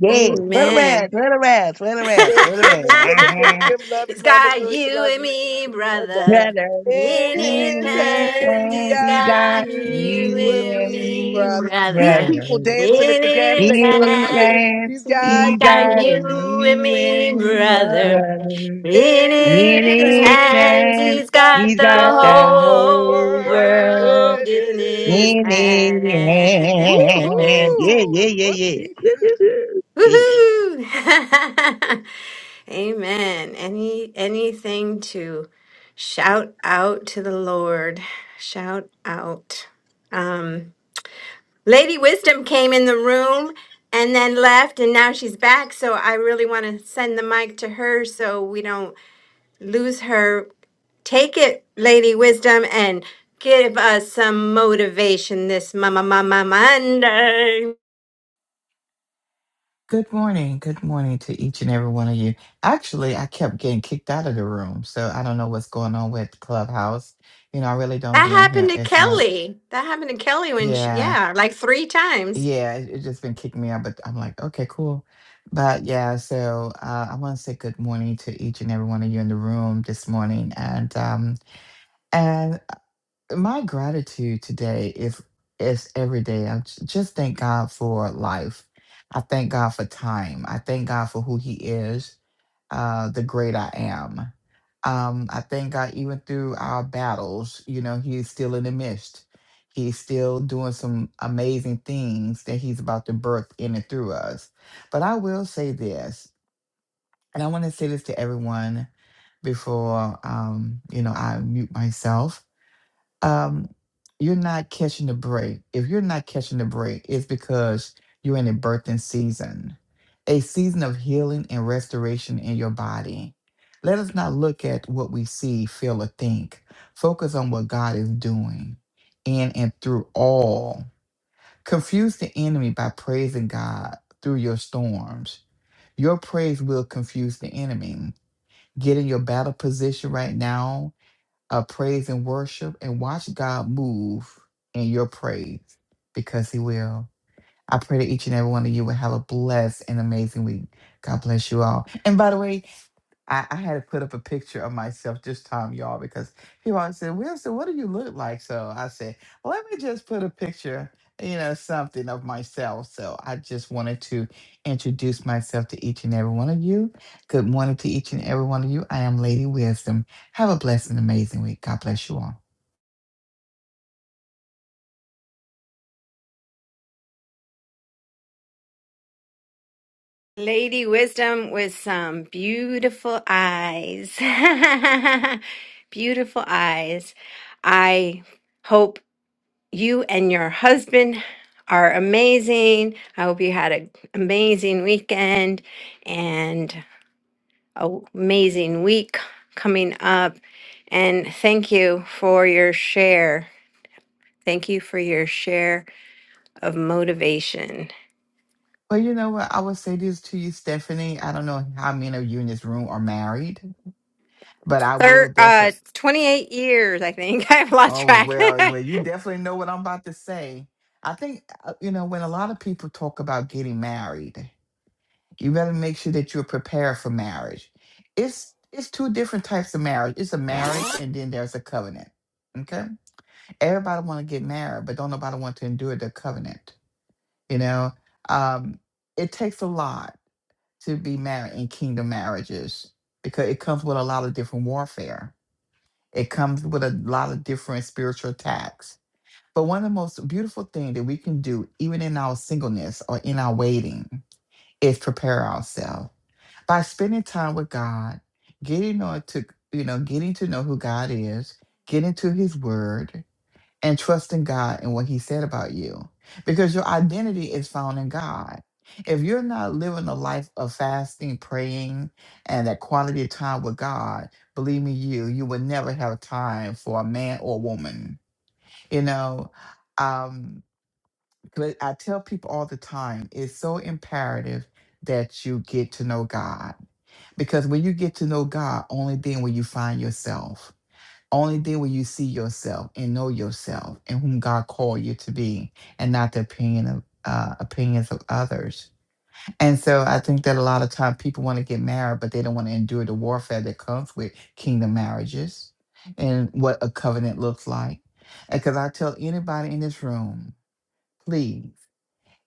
[SPEAKER 8] Yeah, turn
[SPEAKER 3] Amen.
[SPEAKER 8] around, turn around, turn around,
[SPEAKER 12] And
[SPEAKER 8] turn
[SPEAKER 12] Kimmy,
[SPEAKER 8] around.
[SPEAKER 12] Kimmy, Kimmy, and Kim and
[SPEAKER 8] Uh-huh.
[SPEAKER 12] Kim love you,
[SPEAKER 3] it's
[SPEAKER 12] Mama.
[SPEAKER 3] got
[SPEAKER 12] Glory
[SPEAKER 3] you
[SPEAKER 12] love
[SPEAKER 3] and
[SPEAKER 12] you.
[SPEAKER 3] me,
[SPEAKER 12] Shaddai.
[SPEAKER 3] brother.
[SPEAKER 8] Turn around.
[SPEAKER 12] In
[SPEAKER 3] In his
[SPEAKER 12] his hands,
[SPEAKER 3] hands,
[SPEAKER 12] he's
[SPEAKER 8] And
[SPEAKER 3] he's
[SPEAKER 8] we
[SPEAKER 12] got
[SPEAKER 8] got
[SPEAKER 3] got you
[SPEAKER 12] you
[SPEAKER 8] you
[SPEAKER 12] and
[SPEAKER 3] and
[SPEAKER 8] and
[SPEAKER 12] me,
[SPEAKER 3] me,
[SPEAKER 8] me,
[SPEAKER 12] brother. These
[SPEAKER 3] brother.
[SPEAKER 8] brother.
[SPEAKER 12] people dancing at
[SPEAKER 3] In
[SPEAKER 12] the gas
[SPEAKER 3] his
[SPEAKER 12] station looking
[SPEAKER 8] It
[SPEAKER 12] at me.
[SPEAKER 3] hands,
[SPEAKER 8] and
[SPEAKER 12] He's
[SPEAKER 3] he's
[SPEAKER 12] got
[SPEAKER 8] you
[SPEAKER 3] got
[SPEAKER 8] got
[SPEAKER 12] you
[SPEAKER 3] you
[SPEAKER 12] and
[SPEAKER 3] and
[SPEAKER 8] you
[SPEAKER 3] me,
[SPEAKER 12] me,
[SPEAKER 8] and me,
[SPEAKER 3] brother.
[SPEAKER 12] brother.
[SPEAKER 8] brother.
[SPEAKER 12] In
[SPEAKER 3] In
[SPEAKER 8] In
[SPEAKER 12] his
[SPEAKER 3] his
[SPEAKER 8] his
[SPEAKER 12] hands,
[SPEAKER 3] hands,
[SPEAKER 8] hand,
[SPEAKER 12] he's
[SPEAKER 3] he's
[SPEAKER 12] got
[SPEAKER 3] got
[SPEAKER 8] he's
[SPEAKER 3] the
[SPEAKER 12] the
[SPEAKER 8] got the
[SPEAKER 12] whole
[SPEAKER 3] whole
[SPEAKER 8] whole
[SPEAKER 12] world
[SPEAKER 8] world
[SPEAKER 12] in
[SPEAKER 3] world in his
[SPEAKER 12] his
[SPEAKER 8] in his hand.
[SPEAKER 12] hands.
[SPEAKER 3] hands.
[SPEAKER 8] Yeah, yeah,
[SPEAKER 12] Woohoo!
[SPEAKER 8] yeah, yeah.
[SPEAKER 12] Whoop-dee-doo.
[SPEAKER 8] Woo-hoo-hoo. Yeah.
[SPEAKER 3] Woohoo! Amen. Any anything to shout out to the Lord? Shout out. Um, Lady Wisdom came in the room and then left, and now she's back. So I really want to send the mic to her so we don't lose her. Take it, Lady Wisdom, and give us some motivation this mama mama Monday.
[SPEAKER 13] Good morning. Good morning to each and every one of you. Actually, I kept getting kicked out of the room, so I don't know what's going on with Clubhouse. You know, I really don't
[SPEAKER 3] That
[SPEAKER 13] be on here
[SPEAKER 3] happened to
[SPEAKER 13] as much.
[SPEAKER 3] Kelly. That happened to Kelly when she,
[SPEAKER 13] Yeah,
[SPEAKER 3] yeah, like three times.
[SPEAKER 13] yeah, it, it just been kicking me out, but I'm like, okay, cool. But yeah, so uh, I want to say good morning to each and every one of you in the room this morning, and um, and my gratitude today is is every day. I j- just thank God for life. I thank God for time. I thank God for who He is. uh, the great I am. Um, I thank God, even through our battles, you know, He's still in the midst. He's still doing some amazing things that He's about to birth in and through us. But I will say this, and I want to say this to everyone before, um, you know, I mute myself um, you're not catching the break. If you're not catching the break, it's because you're in a birthing season, a season of healing and restoration in your body. Let us not look at what we see, feel, or think. Focus on what God is doing in and through all. Confuse the enemy by praising God through your storms. Your praise will confuse the enemy. Get in your battle position right now of praise and worship and watch God move in your praise because He will. I pray that each and every one of you will have a blessed and amazing week. God bless you all. And by the way, I, I had to put up a picture of myself this time, y'all, because people always said, Wilson, what do you look like? So I said, let me just put a picture, you know, something of myself. So I just wanted to introduce myself to each and every one of you. Good morning to each and every one of you. I am Lady Wisdom. Have a blessed and amazing week. God bless you all.
[SPEAKER 3] Lady Wisdom with some beautiful eyes. beautiful eyes. I hope you and your husband are amazing. I hope you had an amazing weekend. And a w- amazing week coming up. And thank you for your share. Thank you for your share of motivation.
[SPEAKER 13] Well, you know what? I will say this to you, Stephanie. I don't know how many of you in this room are married, but I will
[SPEAKER 3] Thir-
[SPEAKER 13] definitely.
[SPEAKER 3] uh, 28 years, I think. I've lost
[SPEAKER 13] Oh
[SPEAKER 3] track.
[SPEAKER 13] well, well, you definitely know what I'm about to say. I think uh, you know when a lot of people talk about getting married, you better make sure that you're prepared for marriage. It's it's two different types of marriage. It's a marriage, and then there's a covenant. Okay, everybody want to get married, but don't nobody want to endure the covenant. You know, um, it takes a lot to be married in kingdom marriages because it comes with a lot of different warfare. It comes with a lot of different spiritual attacks but one of the most beautiful things that we can do, even in our singleness or in our waiting, is prepare ourselves by spending time with God, getting on to you know, getting to know who God is, getting to His Word, and trusting God and what He said about you, because your identity is found in God. If you're not living a life of fasting, praying, and that quality of time with God, believe me, you you will never have time for a man or woman. You know, um, but I tell people all the time, it's so imperative that you get to know God. Because when you get to know God, only then will you find yourself. Only then will you see yourself and know yourself and whom God called you to be and not the opinion of uh, opinions of others. And so I think that a lot of time people want to get married, but they don't want to endure the warfare that comes with kingdom marriages and what a covenant looks like. Because I tell anybody in this room, please.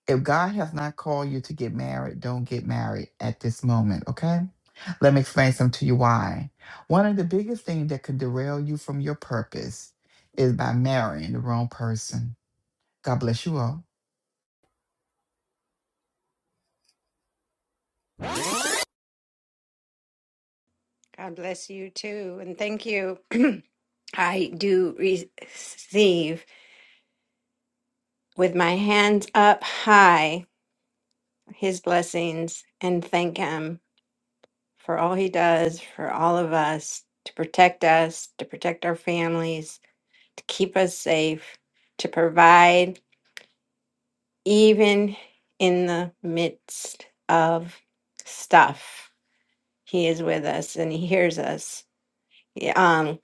[SPEAKER 13] If God has not called you to get married, don't get married at this moment, okay? Let me explain some to you why. One of the biggest things that can derail you from your purpose is by marrying the wrong person. God bless you all.
[SPEAKER 3] God bless you too. And thank you. I do receive with my hands up high his blessings and thank him for all he does for all of us to protect us, to protect our families, to keep us safe, to provide even in the midst of stuff. He is with us and he hears us. Yeah, um,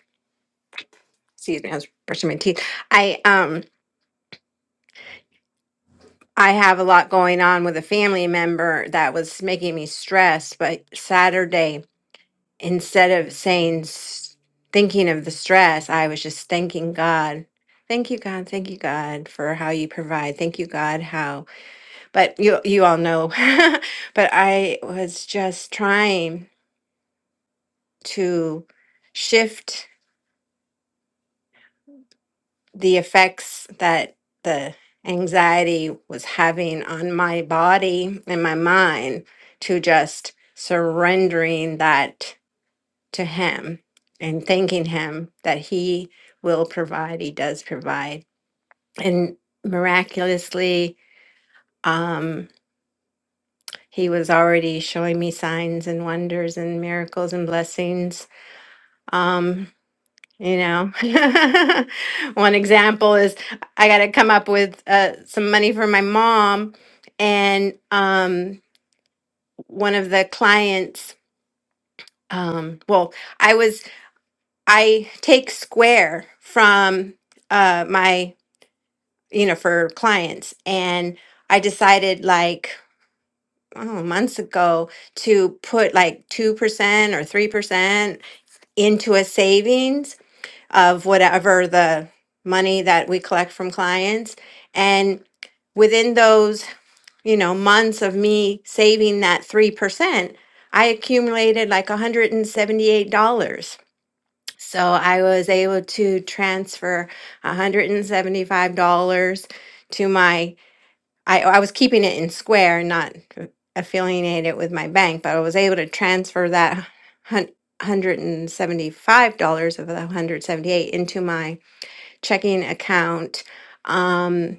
[SPEAKER 3] excuse me, I was brushing my teeth. I um I have a lot going on with a family member that was making me stressed, but Saturday, instead of saying s- thinking of the stress, I was just thanking God. Thank you, God. Thank you, God, for how you provide. Thank you, God, how but you you all know but i was just trying to shift the effects that the anxiety was having on my body and my mind to just surrendering that to him and thanking him that he will provide he does provide and miraculously um he was already showing me signs and wonders and miracles and blessings Um, you know, one example is I got to come up with uh, some money for my mom, and um, one of the clients. Um, well, I was I take Square from uh, my you know for clients, and I decided like oh months ago to put like two percent or three percent into a savings of whatever the money that we collect from clients. And within those, you know, months of me saving that 3%, I accumulated like $178. So I was able to transfer $175 to my I, I was keeping it in Square, not affiliated with my bank, but I was able to transfer that hun- $175 of the 178 into my checking account um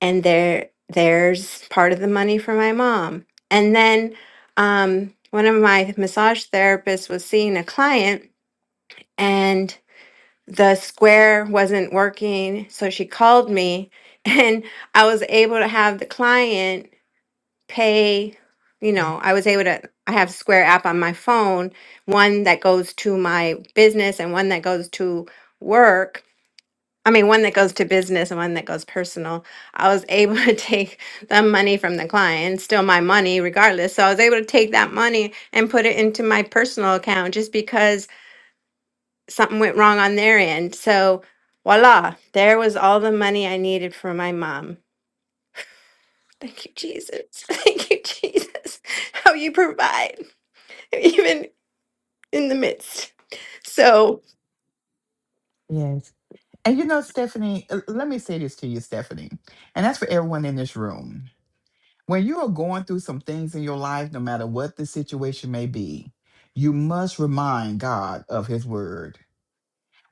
[SPEAKER 3] and there there's part of the money for my mom and then um one of my massage therapists was seeing a client and the square wasn't working so she called me and i was able to have the client pay you know i was able to i have square app on my phone one that goes to my business and one that goes to work I mean, one that goes to business and one that goes personal. I was able to take the money from the client, still my money regardless. So I was able to take that money and put it into my personal account just because something went wrong on their end. So voila, there was all the money I needed for my mom. Thank you, Jesus. Thank you, Jesus. How you provide, even in the midst. So.
[SPEAKER 13] Yes. And you know, Stephanie, uh, let me say this to you, Stephanie, and that's for everyone in this room. When you are going through some things in your life, no matter what the situation may be, you must remind God of His word.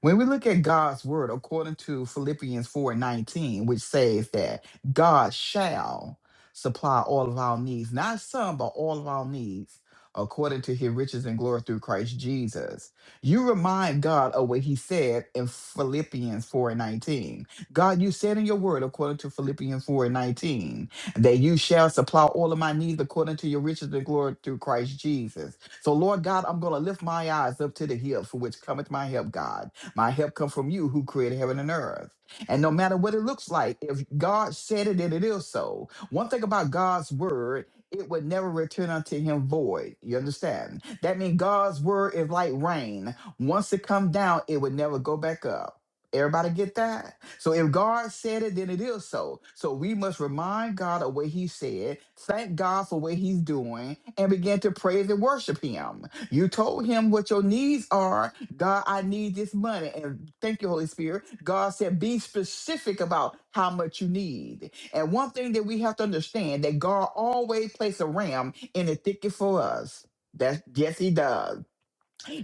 [SPEAKER 13] When we look at God's word, according to Philippians 4 19, which says that God shall supply all of our needs, not some, but all of our needs, according to his riches and glory through Christ Jesus. You remind God of what he said in Philippians 4 19. God, you said in your word, according to Philippians four nineteen, that you shall supply all of my needs according to your riches and glory through Christ Jesus. So, Lord God, I'm going to lift my eyes up to the hill for which cometh my help, God. My help come from you who created heaven and earth. And no matter what it looks like, if God said it then it is so, one thing about God's word, it would never return unto him void. You understand? That means God's word is like rain. Once it come down, it would never go back up. Everybody get that? So if God said it, then it is so. So we must remind God of what he said, thank God for what he's doing, and begin to praise and worship him. You told him what your needs are, God, I need this money. And thank you, Holy Spirit. God said, be specific about how much you need. And one thing that we have to understand that God always places a ram in the thicket for us. That's yes, he does.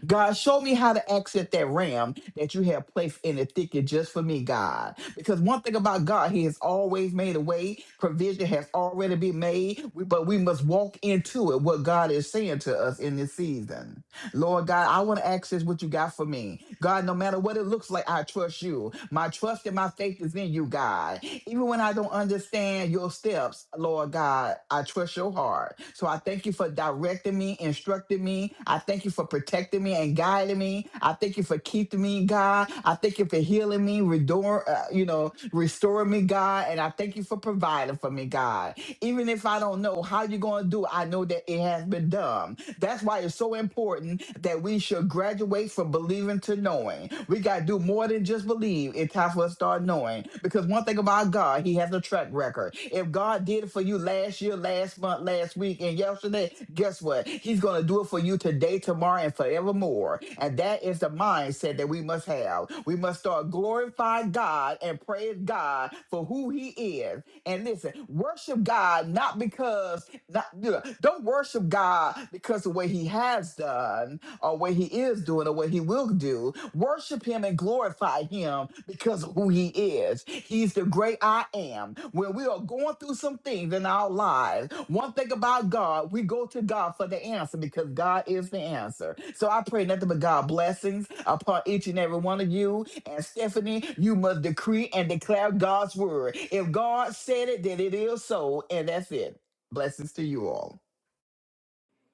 [SPEAKER 13] God, show me how to access that ram that you have placed in the thicket just for me, God. Because one thing about God, He has always made a way. Provision has already been made, we- but we must walk into it. What God is saying to us in this season. Lord God, I want to access what you got for me. God, no matter what it looks like, I trust you. My trust and my faith is in you, God. Even when I don't understand your steps, Lord God, I trust your heart. So I thank you for directing me, instructing me. I thank you for protecting me and guiding me. I thank you for keeping me, God. I thank you for healing me, restore, uh, you know, restoring me, God. And I thank you for providing for me, God. Even if I don't know how you're going to do, it, I know that it has been done. That's why it's so important that we should graduate from believing to knowing. We got to do more than just believe. It's time for us to start knowing. Because one thing about God, He has a track record. If God did it for you last year, last month, last week, and yesterday, guess what? He's going to do it for you today today, tomorrow, and forevermore. And that is the mindset that we must have. We must start glorifying God and praise God for who He is. And listen, worship God not because not, yeah, don't worship God because of what He has done, or what he is doing or what he will do. Worship him and glorify him because of who he is. He's the great I am. When we are going through some things in our lives, one thing about God, we go to God for the answer because God is the answer. So I pray nothing but God blessings upon each and every one of you. And Stephanie, you must decree and declare God's word. If God said it, then it is so. And that's it. Blessings to you all.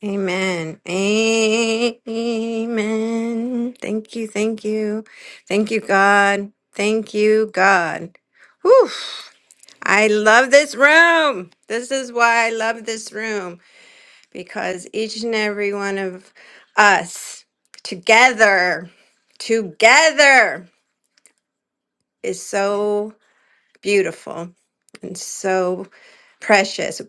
[SPEAKER 3] Amen. Amen. Thank you. Thank you. Thank you, God. Thank you, God. Whew. I love this room. This is why I love this room because each and every one of us together, together is so beautiful and so precious.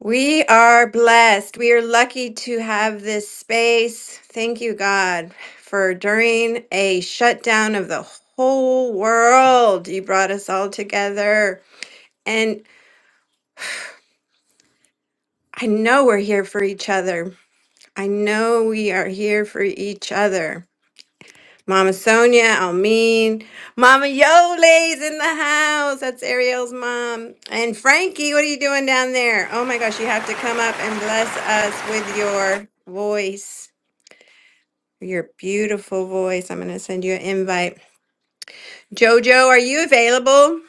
[SPEAKER 3] We are blessed. We are lucky to have this space. Thank you, God, for during a shutdown of the whole world, you brought us all together. And I know we're here for each other. I know we are here for each other. Mama Sonia, Almeen, Mama Yole's in the house. That's Ariel's mom. And Frankie, what are you doing down there? Oh my gosh, you have to come up and bless us with your voice. Your beautiful voice. I'm going to send you an invite. Jojo, are you available?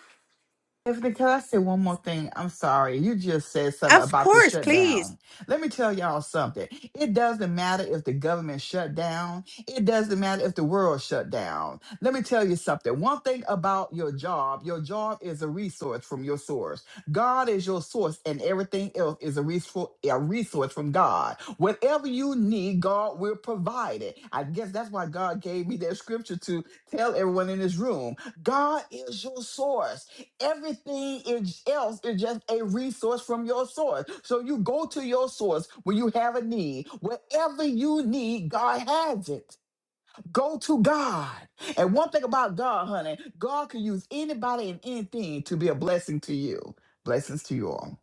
[SPEAKER 13] Tiffany, can I say one more thing? I'm sorry. You just said something
[SPEAKER 3] Of
[SPEAKER 13] about the
[SPEAKER 3] course, please.
[SPEAKER 13] shutdown. Let me tell y'all something. It doesn't matter if the government shut down. It doesn't matter if the world shut down. Let me tell you something. One thing about your job, your job is a resource from your source. God is your source and everything else is a, resou- a resource from God. Whatever you need, God will provide it. I guess that's why God gave me that scripture to tell everyone in this room. God is your source. Everything is, else is just a resource from your source. So you go to your source when you have a need. Whatever you need, God has it. Go to God. And one thing about God, honey, God can use anybody and anything to be a blessing to you. Blessings to you all.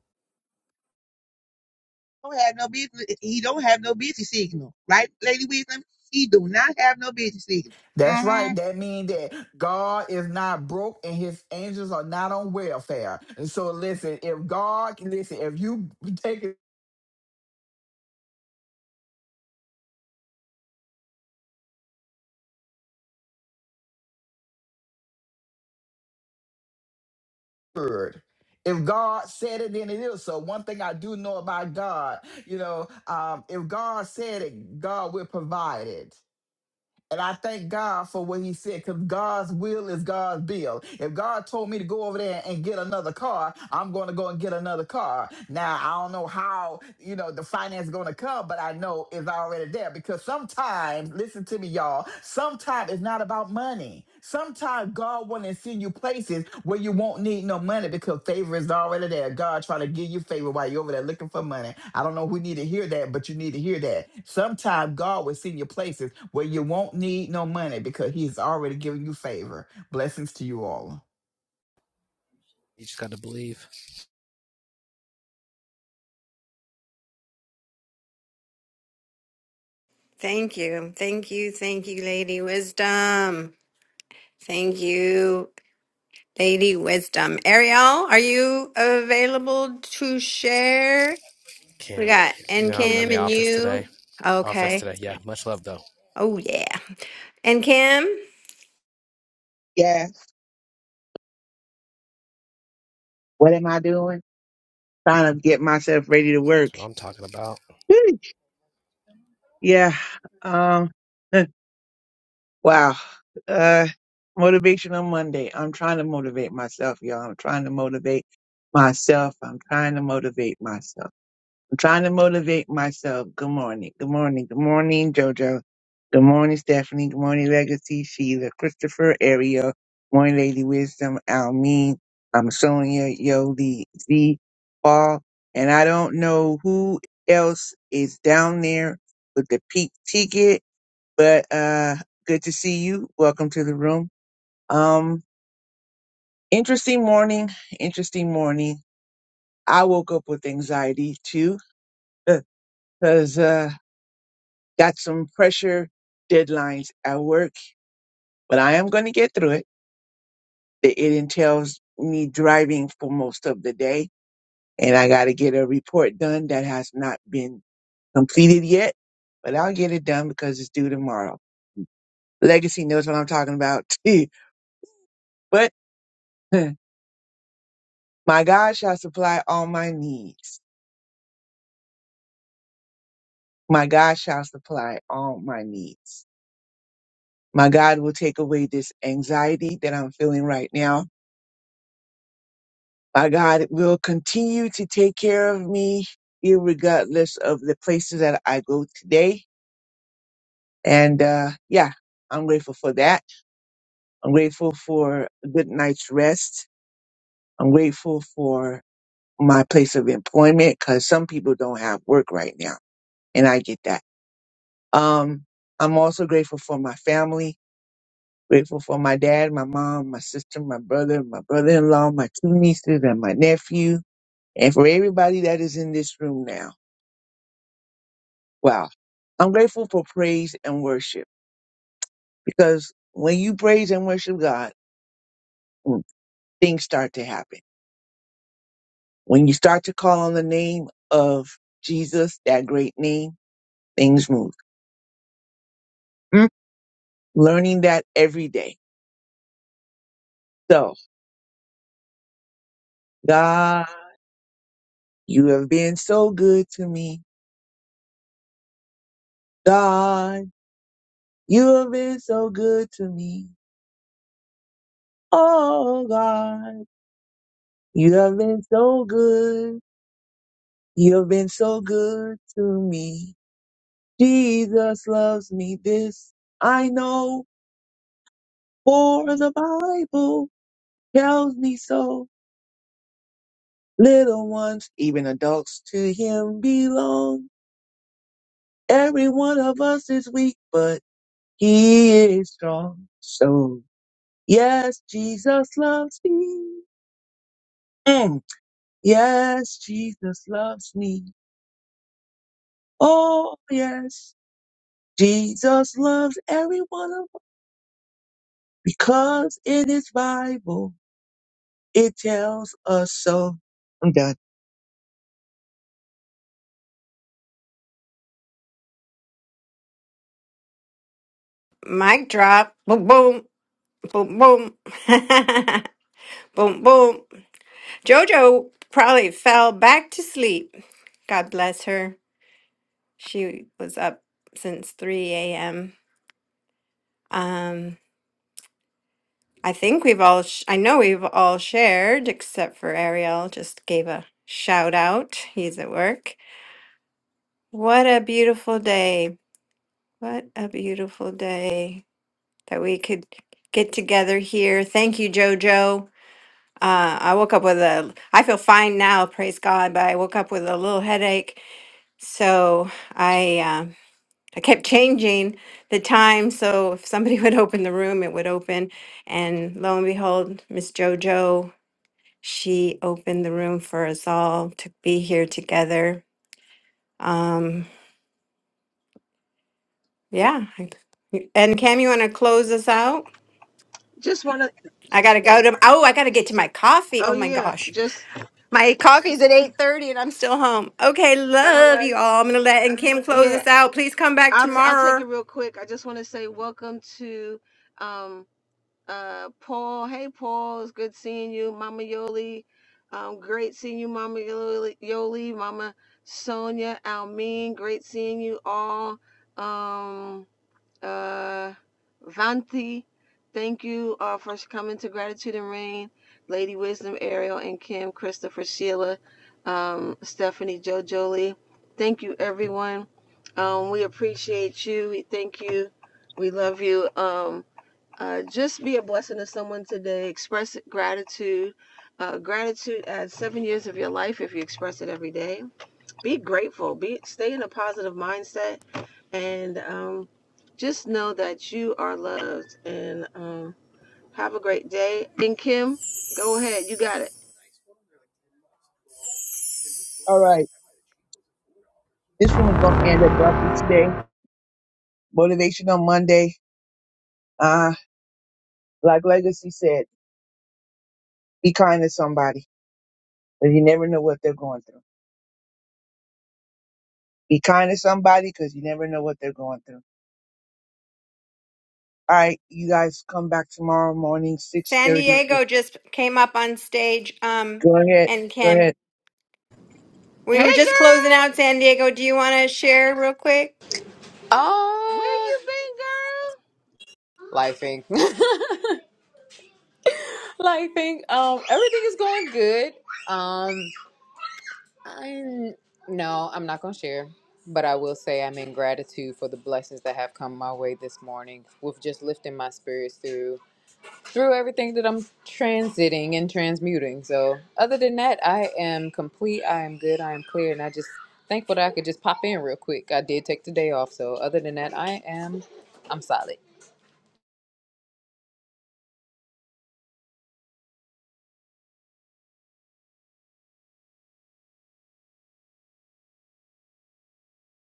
[SPEAKER 8] Don't have no business. He don't have no busy signal, right, Lady Wisdom? He do not have no busy signal.
[SPEAKER 13] That's
[SPEAKER 8] Mm-hmm.
[SPEAKER 13] right. That means that God is not broke and his angels are not on welfare. And so listen, if God listen, if you take word. If God said it, then it is so. One thing I do know about God, you know, um, if God said it, God will provide it. And I thank God for what He said, because God's will is God's bill. If God told me to go over there and get another car, I'm going to go and get another car. Now I don't know how you know the finance is going to come, but I know it's already there. Because sometimes, listen to me, y'all. Sometimes it's not about about money. Sometimes God want to send you places where you won't need no money because favor is already there. God trying to give you favor while you're over there looking for money. I don't know who need to hear that, but you need to hear that. Sometimes God will send you places where you won't need no money because He's already giving you favor. Blessings to you all.
[SPEAKER 11] You just got to believe.
[SPEAKER 3] Thank you. Thank you. Thank you, Lady Wisdom. Thank you, Lady Wisdom. Ariel, are you available to share? We
[SPEAKER 11] Can't,
[SPEAKER 3] got
[SPEAKER 11] can't.
[SPEAKER 3] and
[SPEAKER 11] Yeah, I'm in
[SPEAKER 3] Kim
[SPEAKER 11] the
[SPEAKER 3] and
[SPEAKER 11] office
[SPEAKER 3] you.
[SPEAKER 11] today. Office
[SPEAKER 3] Okay.
[SPEAKER 11] today. Yeah, much love though.
[SPEAKER 3] Oh, yeah. And Kim,
[SPEAKER 8] Yeah. What am I doing? Trying to get myself ready to
[SPEAKER 11] That's
[SPEAKER 8] work.
[SPEAKER 11] what I'm talking about.
[SPEAKER 8] Whew. Yeah. Um. Wow. Uh, motivational Monday. I'm trying to motivate myself, y'all. I'm trying to motivate myself. I'm trying to motivate myself. I'm trying to motivate myself. Good morning. Good morning. Good morning, JoJo. Good morning, Stephanie. Good morning, Legacy, Sheila, Christopher, Ariel, Morning Lady Wisdom, Almeen, I'm Sonia, Yoli, Z, Paul. And I don't know who else is down there with the peak ticket but uh good to see you welcome to the room um interesting morning interesting morning i woke up with anxiety too because uh got some pressure deadlines at work but i am going to get through it it it entails me driving for most of the day and i got to get a report done that has not been completed yet but i'll get it done because it's due tomorrow legacy knows what i'm talking about too. but My God shall supply all my needs. My God shall supply all my needs. My God will take away this anxiety that I'm feeling right now. My God will continue to take care of me, regardless of the places that I go today. And uh, yeah, I'm grateful for that. I'm grateful for a good night's rest. I'm grateful for my place of employment because some people don't have work right now, and I get that. Um, I'm also grateful for my family. Grateful for my dad, my mom, my sister, my brother, my brother-in-law, my two nieces, and my nephew, and for everybody that is in this room now. Wow. I'm grateful for praise and worship because when you praise and worship God, mm, things start to happen. When you start to call on the name of Jesus, that great name, things move. Mm, Learning that every day. So, God, you have been so good to me. God, you have been so good to me. Oh God, you have been so good. You have been so good to me. Jesus loves me. This I know, for the Bible tells me so. Little ones, even adults, to Him belong. Every one of us is weak, but He is strong. So, yes, Jesus loves me. Mm. Yes, Jesus loves me. Oh, yes. Jesus loves every one of us because in his Bible it tells us so. I'm done.
[SPEAKER 3] mic drop. Boom, boom, boom, boom. boom, boom. Jojo probably fell back to sleep. God bless her. She was up since 3 a.m. Um, I think we've all, sh- I know we've all shared, except for Ariel, just gave a shout out. He's at work. What a beautiful day. What a beautiful day that we could get together here. Thank you, Jojo. Uh, I woke up with a, I feel fine now, praise God, but I woke up with a little headache. So, I. uh, I kept changing the time, so if somebody would open the room, it would open. And lo and behold, Miss JoJo, she opened the room for us all to be here together. Um, yeah. I- And Cam, you want to close us out?
[SPEAKER 4] Just wanna.
[SPEAKER 3] I gotta
[SPEAKER 8] Okay.
[SPEAKER 3] go to. Oh, I gotta get to my coffee.
[SPEAKER 4] Oh
[SPEAKER 3] Oh my
[SPEAKER 4] yeah.
[SPEAKER 3] gosh,
[SPEAKER 4] Just.
[SPEAKER 3] my coffee's at eight thirty, and I'm still home. Okay,
[SPEAKER 4] All
[SPEAKER 3] love
[SPEAKER 4] right.
[SPEAKER 3] you all. I'm gonna let and Kim close
[SPEAKER 4] Yeah.
[SPEAKER 3] us out. Please come back
[SPEAKER 4] I'll t- I'll take it
[SPEAKER 3] tomorrow.
[SPEAKER 4] real quick. I just want to say welcome to um uh Paul. Hey Paul, it's good seeing you, Mama Yoli. Um, great seeing you, Mama Yoli, Yoli Mama Sonia, Almin. Great seeing you all. Um. uh Vanti. Thank you all for coming to Gratitude and Rain. Lady Wisdom, Ariel and Kim, Christopher, Sheila, um, Stephanie, Joe Jolie. Thank you everyone. Um, we appreciate you. We thank you. We love you. Um, uh, just be a blessing to someone today. Express gratitude. Uh, gratitude adds seven years of your life if you express it every day. Be grateful. Be stay in a positive mindset and um, just know that you are loved and um, have a great day. And Kim, go ahead. You got it.
[SPEAKER 8] All right. This room is going to end abruptly today. Motivation on Monday. Uh, like Legacy said, be kind to somebody because you never know what they're going through. Be kind to somebody because you never know what they're going through. All right. You guys come back tomorrow morning,
[SPEAKER 3] San
[SPEAKER 8] 6.30.
[SPEAKER 3] Diego just came up on stage. Um,
[SPEAKER 8] Go ahead.
[SPEAKER 3] and
[SPEAKER 8] Go
[SPEAKER 3] Kim.
[SPEAKER 8] ahead.
[SPEAKER 3] We
[SPEAKER 4] Hey,
[SPEAKER 3] were just closing
[SPEAKER 4] girl.
[SPEAKER 3] out San Diego. Do you want to share real quick?
[SPEAKER 4] Where
[SPEAKER 14] Uh
[SPEAKER 4] you been, girl?
[SPEAKER 14] lifing. lifing. Um everything is going good. Um I no, I'm not gonna share. But I will say I'm in gratitude for the blessings that have come my way this morning with just lifting my spirits through through everything that I'm transiting and transmuting. So other than that, I am complete, I am good, I am clear, and I just thankful that I could just pop in real quick. I did take the day off, so other than that, I am I'm solid.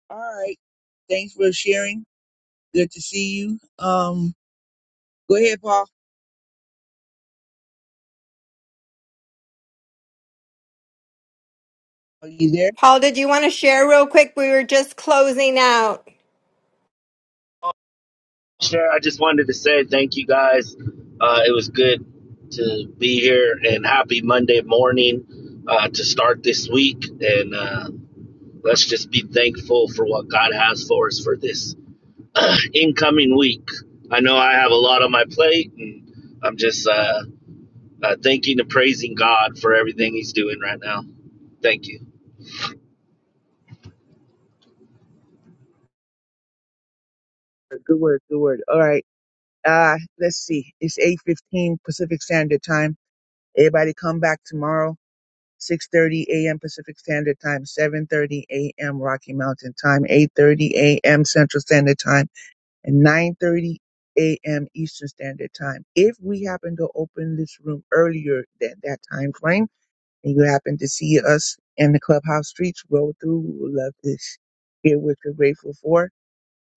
[SPEAKER 8] All right. Thanks for sharing. Good to see you. Um, go ahead, Paul. Are you there?
[SPEAKER 3] Paul, did you want to share real quick? We were just closing out.
[SPEAKER 15] Sure, I just wanted to say thank you guys. Uh, it was good to be here and happy Monday morning uh, to start this week. And uh, let's just be thankful for what God has for us for this incoming week. I know I have a lot on my plate, and I'm just uh, uh, thanking and praising God for everything He's doing right now. Thank you.
[SPEAKER 8] Good word, good word. All right. Uh, let's see. It's 8.15 Pacific Standard Time. Everybody come back tomorrow, 6.30 a.m. Pacific Standard Time, 7.30 a.m. Rocky Mountain Time, 8.30 a.m. Central Standard Time, and 9.30 a.m. Eastern Standard Time. If we happen to open this room earlier than that time frame, and you happen to see us in the clubhouse streets, roll through, we would love to hear what you're grateful for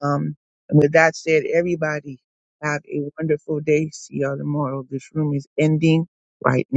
[SPEAKER 8] Um, and with that said, everybody have a wonderful day. See y'all tomorrow. This room is ending right